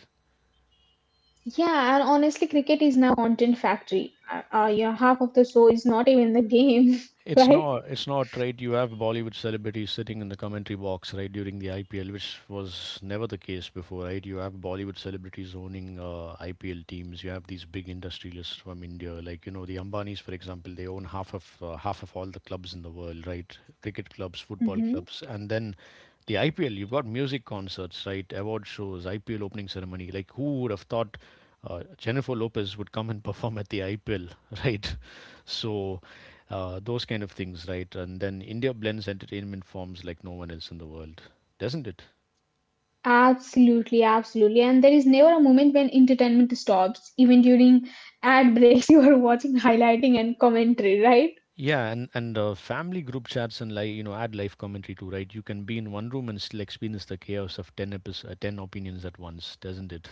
Yeah, and honestly, cricket is now a content factory. You know, half of the show is not even the game,
It's
right?
not, it's not right. You have Bollywood celebrities sitting in the commentary box, right, during the IPL, which was never the case before, right? You have Bollywood celebrities owning IPL teams. You have these big industrialists from India, like you know the Ambanis, for example. They own half of all the clubs in the world, right? Cricket clubs, football
hmm
clubs, and then the IPL. You've got music concerts, right? Award shows, IPL opening ceremony. Like who would have thought Jennifer Lopez would come and perform at the IPL, right? So those kind of things, right? And then India blends entertainment forms like no one else in the world, doesn't it?
Absolutely, absolutely. And there is never a moment when entertainment stops. Even during ad breaks, you are watching highlighting and commentary, right?
Yeah, and family group chats and, like, you know, add live commentary too, right? You can be in one room and still experience the chaos of ten opinions at once, doesn't it?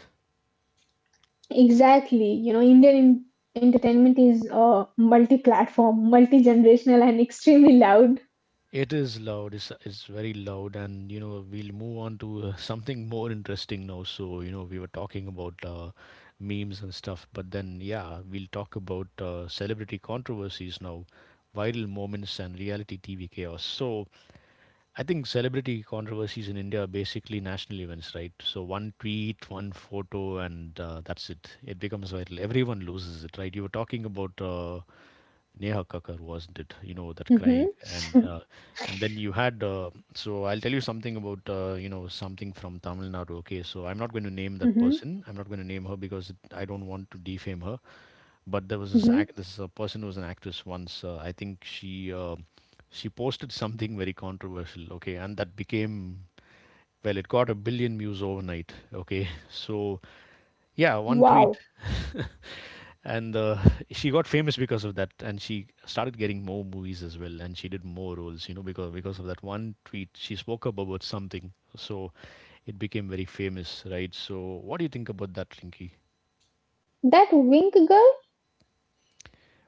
Exactly. You know, entertainment is multi-platform, multi-generational, and extremely loud.
It is loud. It's very loud, and you know we'll move on to something more interesting now. So you know we were talking about memes and stuff, but then yeah, we'll talk about celebrity controversies now, viral moments and reality TV chaos. So I think celebrity controversies in India are basically national events, right? So one tweet, one photo, and that's it. It becomes viral. Everyone loses it, right? You were talking about. Neha Kakkar, wasn't it? You know that crying,
Mm-hmm.
and and then you had. So I'll tell you something about, you know, something from Tamil Nadu. Okay, so I'm not going to name that
Mm-hmm.
person. I'm not going to name her because it, I don't want to defame her. But there was this act.
Mm-hmm.
This person who was an actress once. I think she posted something very controversial. Okay, and that became well. It got 1 billion views overnight. Okay, so yeah, one tweet.
Wow.
And she got famous because of that, and she started getting more movies as well, and she did more roles, you know, because of that one tweet she spoke up about something, so it became very famous, right? So what do you think about that, Rinky?
That Wink girl?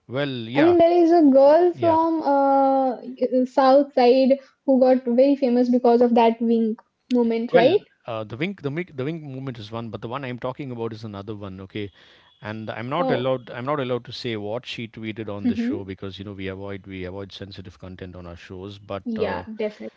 Well, yeah,
I mean, there is a girl
yeah.
from South Side who got very famous because of that wink moment,
well
right?
uh, the wink the wink movement is one, but the one I'm talking about is another one, okay, and i'm not
Oh,
allowed i'm not allowed to say what she tweeted on the show
mm-hmm.
because you know we avoid sensitive content on our shows, but
Yeah, definitely,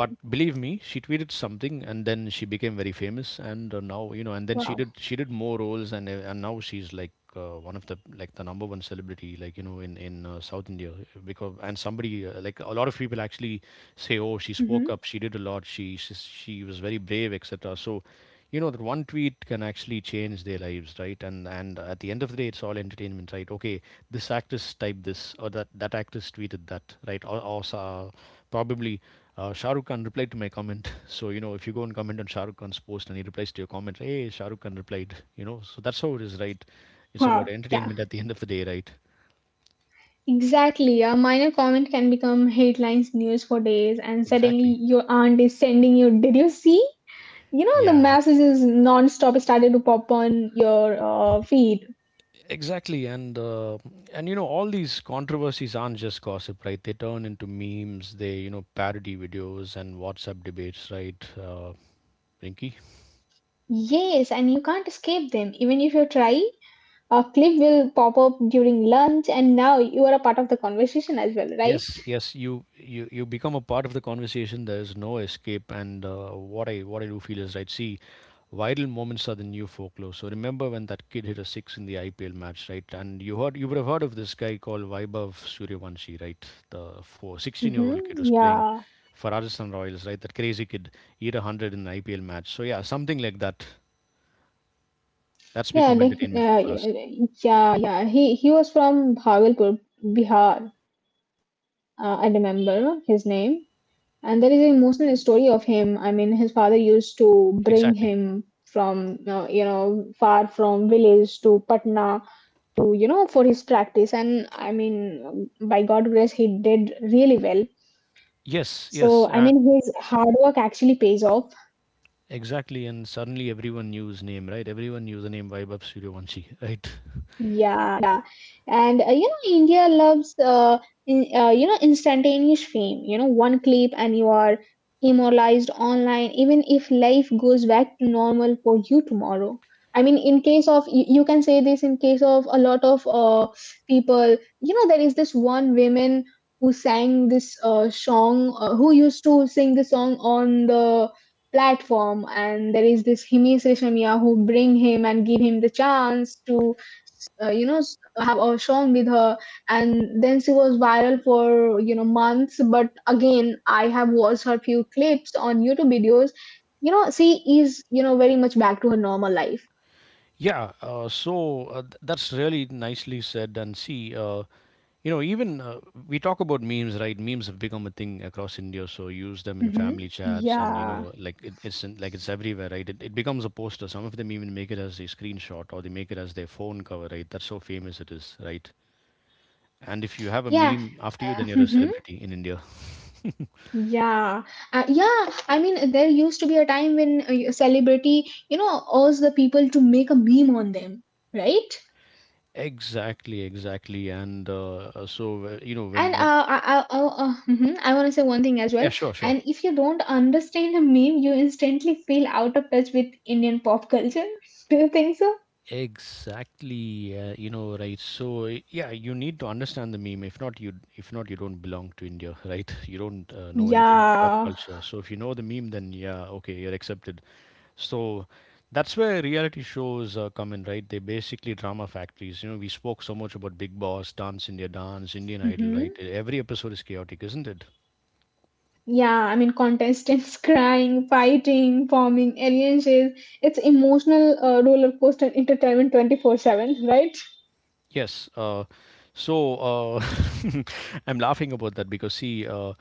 but believe me, she tweeted something, and then she became very famous, and now you know, and then she
Wow.
did she did more roles, and now she's like, one of the, like, the number one celebrity, like, you know, in South India, because and somebody, like a lot of people actually say, oh, she spoke up,
Mm-hmm.
she did a lot, she was very brave, etc. So you know that one tweet can actually change their lives, right? And at the end of the day it's all entertainment, right? Okay, this actress typed this or that, that actress tweeted that, right, or probably, Shah Rukh Khan replied to my comment. So you know, if you go and comment on Shah Rukh Khan's post and he replies to your comment, hey, Shah Rukh Khan replied, you know, so that's how it is, right? It's about
Wow.
entertainment
Yeah,
at the end of the day, right?
exactly. A minor comment can become headlines news for days, and suddenly
Exactly,
your aunt is sending you, did you see? You know, the
yeah.
messages non-stop started to pop on your feed.
Exactly, and you know all these controversies aren't just gossip, right? They turn into memes, they, you know, parody videos and WhatsApp debates, right, uh, Rinky?
Yes, and you can't escape them. Even if you try, a clip will pop up during lunch, and now you are a part of the conversation as well, right?
Yes, yes, you become a part of the conversation. There's no escape, and what I do feel is right. See, viral moments are the new folklore. So remember when that kid hit a six in the IPL match, right? And you would have heard of this guy called Vaibhav Suryavanshi, right? The 16-year-old
Mm-hmm.
kid who's playing
Yeah.
for Rajasthan Royals, right? That crazy kid he hit 100 in an IPL match. So yeah, something like that. That's
Yeah,
become
like, uh,
entertainment for us.
yeah, yeah. He was from Bhagalpur, Bihar. I remember his name, and there is an emotional story of him. I mean, his father used
Exactly.
to bring him from you know far from village to Patna to you know for his practice and I mean by god grace he did really well
Yes, yes,
so I
and
mean his hard work actually pays off.
exactly, and suddenly everyone knew his name, right? Everyone knew the name Vaibhav Suryavanshi, right?
Yeah and you know India loves you know instantaneous fame. You know one clip and you are immortalized online even if life goes back to normal for you tomorrow. I mean in case of you can say this in case of a lot of people. You know there is this one woman who sang this song who used to sing the song on the platform and there is this Himesh Reshamia who bring him and give him the chance to have a song with her and then she was viral for you know months but again I have watched her few clips on YouTube videos. You know she is you know very much back to her normal life.
Yeah, that's really nicely said. And see, you know, even we talk about memes, right? Memes have become a thing across India, so use them in
Hmm
family chats, and you
Yeah.
know, like it's everywhere, right? It becomes a poster. Some of them even make it as a screenshot, or they make it as their phone cover, right? That's how famous it is, right? And if you have a meme after you, then you're a
yeah
celebrity in India.
Yeah, yeah. I mean, there used to be a time when a celebrity, you know, urged the people to make a meme on them, right?
Exactly, exactly. You know,
And I want to say one thing as
yeah,
well.
sure, sure.
And if you don't understand a meme, you instantly feel out of touch with Indian pop culture. Do you think so?
Exactly. Right. So, yeah, you need to understand the meme. If not, you don't belong to India, right? You don't know anything but pop
Yeah.
culture. So, if you know the meme, then yeah, okay, you're accepted. So, that's where reality shows come in, right? They're basically drama factories. You know, we spoke so much about Big Boss, Dance India, Dance, Indian Idol,
hmm
right? Every episode is chaotic, isn't it?
Yeah, I mean, contestants crying, fighting, forming alliances. It's emotional roller coaster entertainment 24/7, right?
Yes. So uh, I'm laughing about that because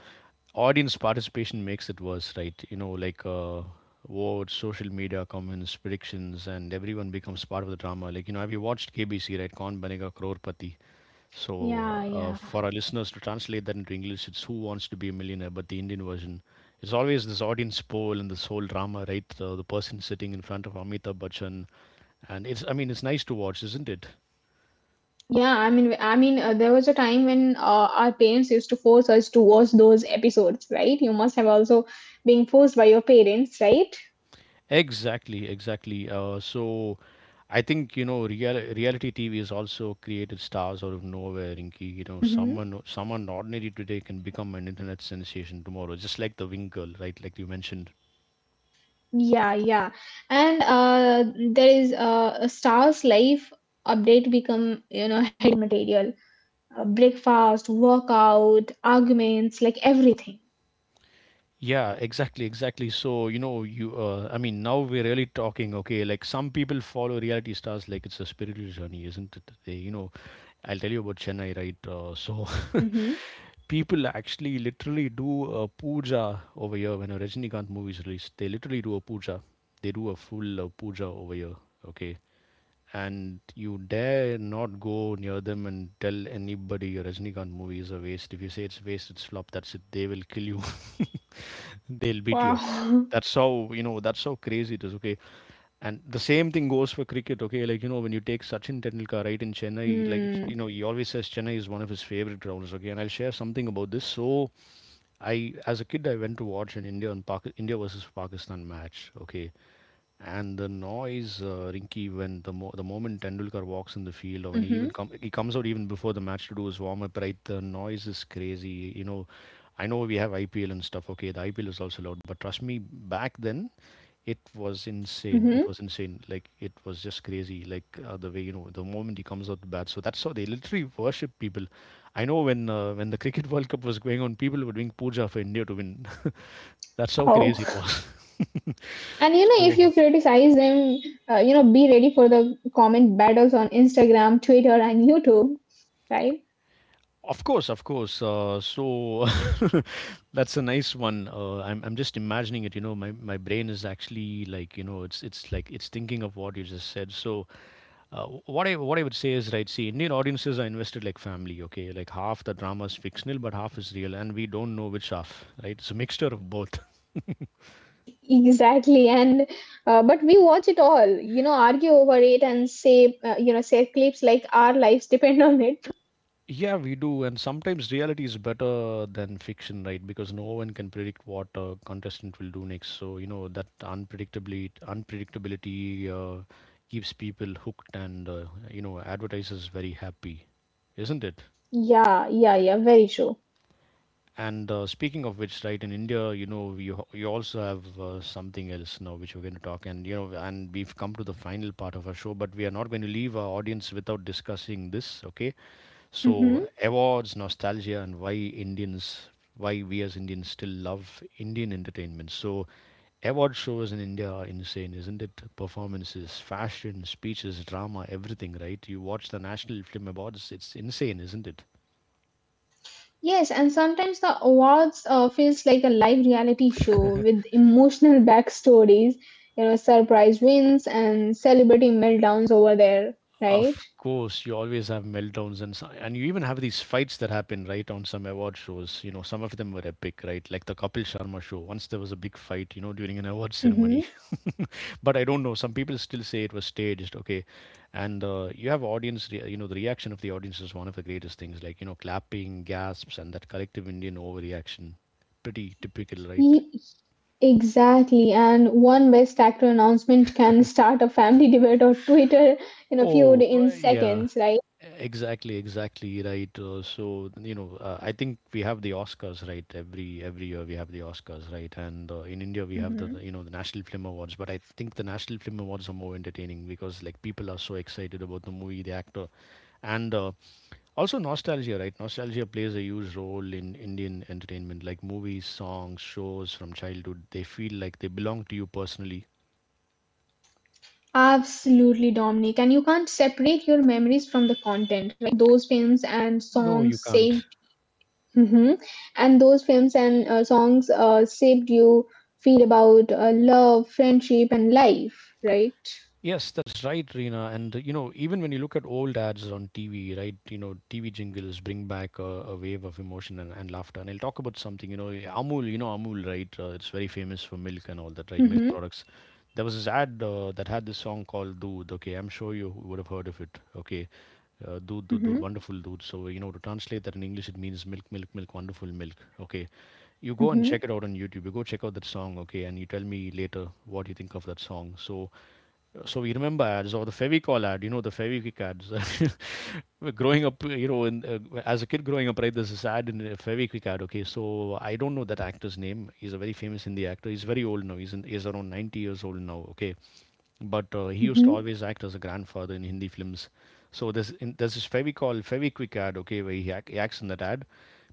audience participation makes it worse, right? Votes, social media comments, predictions, and everyone becomes part of the drama. Like you know, have you watched KBC, right? Kaun Banega Crorepati. So
Yeah, yeah.
for our listeners to translate that into English, it's Who Wants to Be a Millionaire, but the Indian version. It's always this audience poll and this whole drama, right? The person sitting in front of Amitabh Bachchan, and it's—I mean, it's nice to watch, isn't it?
There was a time when our parents used to force us to watch those episodes, right? You must have also been forced by your parents, right?
Exactly, exactly. So I think, you know, reality TV has also created stars out of nowhere, Rinki. You know,
hmm
someone ordinary today can become an internet sensation tomorrow, just like the Wing Girl, right? Like you mentioned.
Yeah, yeah. And there is a star's life update become, you know, headline material. Breakfast, workout, arguments, like everything.
Yeah, exactly, exactly. So, you know, you I mean, now we're really talking, okay, like some people follow reality stars like it's a spiritual journey, isn't it? I'll tell you about Chennai, right?
Hmm
People actually literally do a puja over here when a Rajinikanth movie is released. They literally do a puja. They do a full puja over here. Okay, and you dare not go near them and tell anybody your Rajnikant movie is a waste. If you say it's waste, it's flop. That's it. They will kill you. They'll beat you up.
Wow.
That's how you know. That's how crazy it is. Okay, and the same thing goes for cricket. Okay, like you know when you take Sachin Tendulkar right in Chennai,
Hmm.
you know he always says Chennai is one of his favorite grounds. Okay, and I'll share something about this. So I, as a kid, I went to watch an India versus Pakistan match. Okay, and the noise, Rinky, when the the moment Tendulkar walks in the field, or when he even
hmm
he comes out even before the match to do his warm up, right? The noise is crazy. You know, I know we have IPL and stuff. Okay, the IPL is also loud, but trust me, back then it was insane. It
Mm-hmm.
was insane. Like it was just crazy. Like the way you know, the moment he comes out to bat. So that's how they literally worship people. I know when the Cricket World Cup was going on, people were doing puja for India to win. That's how crazy it
Oh.
was.
And you know,
so.
if you criticize them, you know, be ready for the comment battles on Instagram, Twitter, and YouTube, right?
Of course, of course. That's a nice one. I'm just imagining it. You know, my brain is actually like you know, it's like it's thinking of what you just said. So what I would say is right. See, Indian audiences are invested like family. Okay, like half the drama is fictional, but half is real, and we don't know which half. Right, it's a mixture of both.
E- Exactly. And but we watch it all, you know, argue over it and say, you know, share clips like our lives depend on it.
Yeah, we do. And sometimes reality is better than fiction, right? Because no one can predict what a contestant will do next. So, you know, that unpredictably unpredictability keeps people hooked and, you know, advertisers very happy, isn't it?
Yeah, yeah, yeah, very true.
And speaking of which, right, in India, you know, you also have something else now which we're going to talk. And, you know, and we've come to the final part of our show, but we are not going to leave our audience without discussing this, okay? So
Hmm
awards, nostalgia, and why we as Indians still love Indian entertainment. So award shows in India are insane, isn't it? Performances, fashion, speeches, drama, everything, right? You watch the National Film Awards, it's insane, isn't it?
Yes, and sometimes the awards feels like a live reality show with emotional backstories, you know, surprise wins and celebrity meltdowns over there, right?
Of course, you always have meltdowns and you even have these fights that happen right on some award shows. You know, some of them were epic, right? Like the Kapil Sharma show. Once there was a big fight, you know, during an award ceremony.
Mm-hmm.
But I don't know. Some people still say it was staged. Okay, and you have audience. Re- you know, the reaction of the audience is one of the greatest things. Like you know, clapping, gasps, and that collective Indian overreaction. Pretty typical, right?
Exactly, and one best actor announcement can start a family debate or Twitter in a feud
Oh,
in
yeah.
seconds, right?
Exactly, exactly right. So you know, I think we have the Oscars, right? Every year we have the Oscars, right? And in India we have
hmm
the, you know the National Film Awards, but I think the National Film Awards are more entertaining because like people are so excited about the movie, the actor, and also nostalgia, right? Nostalgia plays a huge role in Indian entertainment, like movies, songs, shows from childhood. They feel like they belong to you personally.
Absolutely, Dominic. And you can't separate your memories from the content, right? Those films and
No, you
songs
can't.
saved, Mhm. and those films and songs saved you feel about love, friendship, and life, right?
Yes, that's right, Reena. And you know, even when you look at old ads on TV, right? You know, TV jingles bring back a wave of emotion and laughter. And I'll talk about something. You know, Amul. You know, Amul, right? It's very famous for milk and all that, right? Milk
Mm-hmm.
products. There was this ad that had this song called "Dood." Okay, I'm sure you would have heard of it. Okay, "Dood, Dood,
Mm-hmm.
Dood," wonderful Dood. So you know, to translate that in English, it means milk, milk, milk, wonderful milk. Okay, you go and
Mm-hmm.
check it out on YouTube. You go check out that song, okay, and you tell me later what you think of that song. So, so we remember ads or the Fevicol ad. You know the Feviquick ads. Growing up, you know, as a kid growing up, right? There's this ad in Feviquick ad. Okay, so I don't know that actor's name. He's a very famous Hindi actor. He's very old now. He's around 90 years old now. Okay, but he used
Mm-hmm.
to always act as a grandfather in Hindi films. So there's this Fevicol Feviquick ad, okay, where he acts in that ad.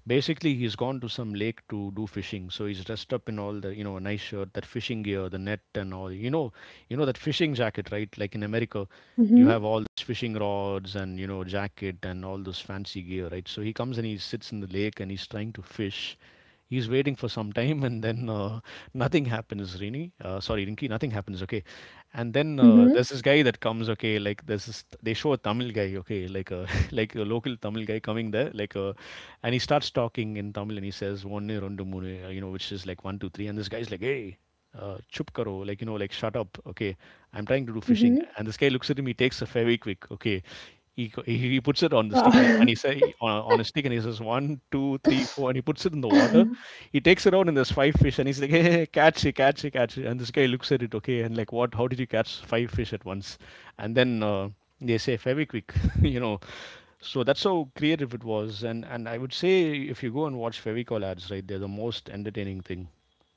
Basically, he's gone to some lake to do fishing. So he's dressed up in all the you know a nice shirt, that fishing gear, the net and all. You know that fishing jacket, right? Like in America, you have all this fishing rods and you know jacket and all this fancy gear, right? So he comes and he sits in the lake and he's trying to fish. He's waiting for some time, and then nothing happens. Rinki, nothing happens. Okay, and then
Mm-hmm.
there's this guy that comes. Okay, like there's this. They show a Tamil guy. Okay, like a like a local Tamil guy coming there. Like a, and he starts talking in Tamil, and he says one rendu moonu, you know, which is like one two three. And this guy's like, hey, chup karo, like you know, like shut up. Okay, I'm trying to do
Mm-hmm.
fishing.
Mm-hmm.
And this guy looks at him. He takes a fairway quick. Okay, he go he puts it on the stick
Wow.
and he say on a stick and he says, one 2 3 four and he puts it in the water. He takes it out and there's 5 fish and he's like, "Hey, hey, hey, catch it, catch it, catch it." And this guy looks at it, "Okay," and like, "What? How did you catch 5 fish at once?" And then, they say Fevikwik, you know. So that's how creative it was. And I would say if you go and watch Fevicol ads, right, they're the most entertaining thing,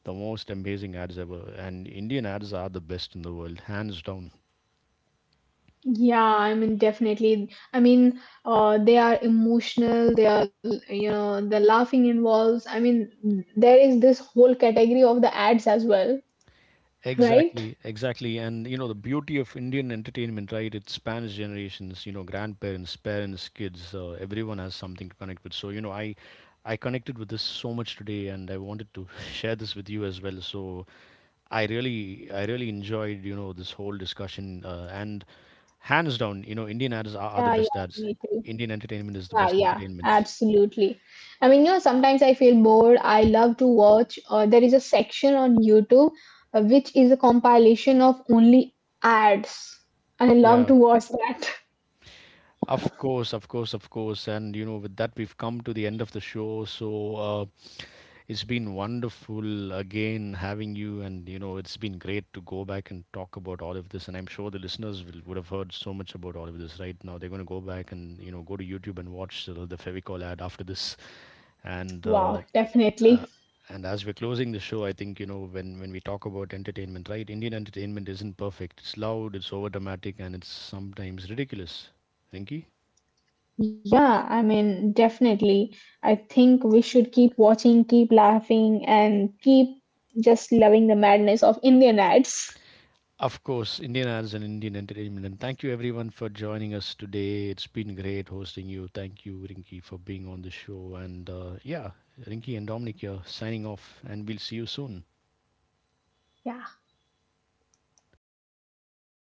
the most amazing ads ever. And Indian ads are the best in the world, hands down.
Yeah, I mean, definitely. I mean, they are emotional. They are, you know, the laughing involves. I mean, there is this whole category of the ads as well, right?
Exactly, exactly. And you know, the beauty of Indian entertainment, right? It spans generations, you know, grandparents, parents, kids, everyone has something to connect with. So, you know, I connected with this so much today and I wanted to share this with you as well. So, I really enjoyed, you know, this whole discussion and hands down, you know, Indian ads are the
Yeah, yeah,
best ads.
me too.
Indian entertainment is the best
Yeah, yeah,
entertainment.
absolutely. I mean, you know, sometimes I feel bored. I love to watch. There is a section on YouTube which is a compilation of only ads, and I love
Yeah.
to watch that.
Of course, of course, of course. And, you know, with that, we've come to the end of the show. So, it's been wonderful again having you. And, you know, it's been great to go back and talk about all of this. And I'm sure would have heard so much about all of this right now. They're going to go back and, you know, go to YouTube and watch the Fevicol ad after this. And, uh,
Wow,
uh,
definitely.
and as we're closing the show, I think, you know, when we talk about entertainment, right, Indian entertainment isn't perfect. It's loud, it's over dramatic, and it's sometimes ridiculous. Rinky?
Yeah, I mean, definitely. I think we should keep watching, keep laughing, and keep just loving the madness of Indian ads.
Of course, Indian Idols and Indian Entertainment. And thank you everyone for joining us today. It's been great hosting you. Thank you, Rinky, for being on the show. And yeah, Rinky and Dominic here signing off, and we'll see you soon.
Yeah.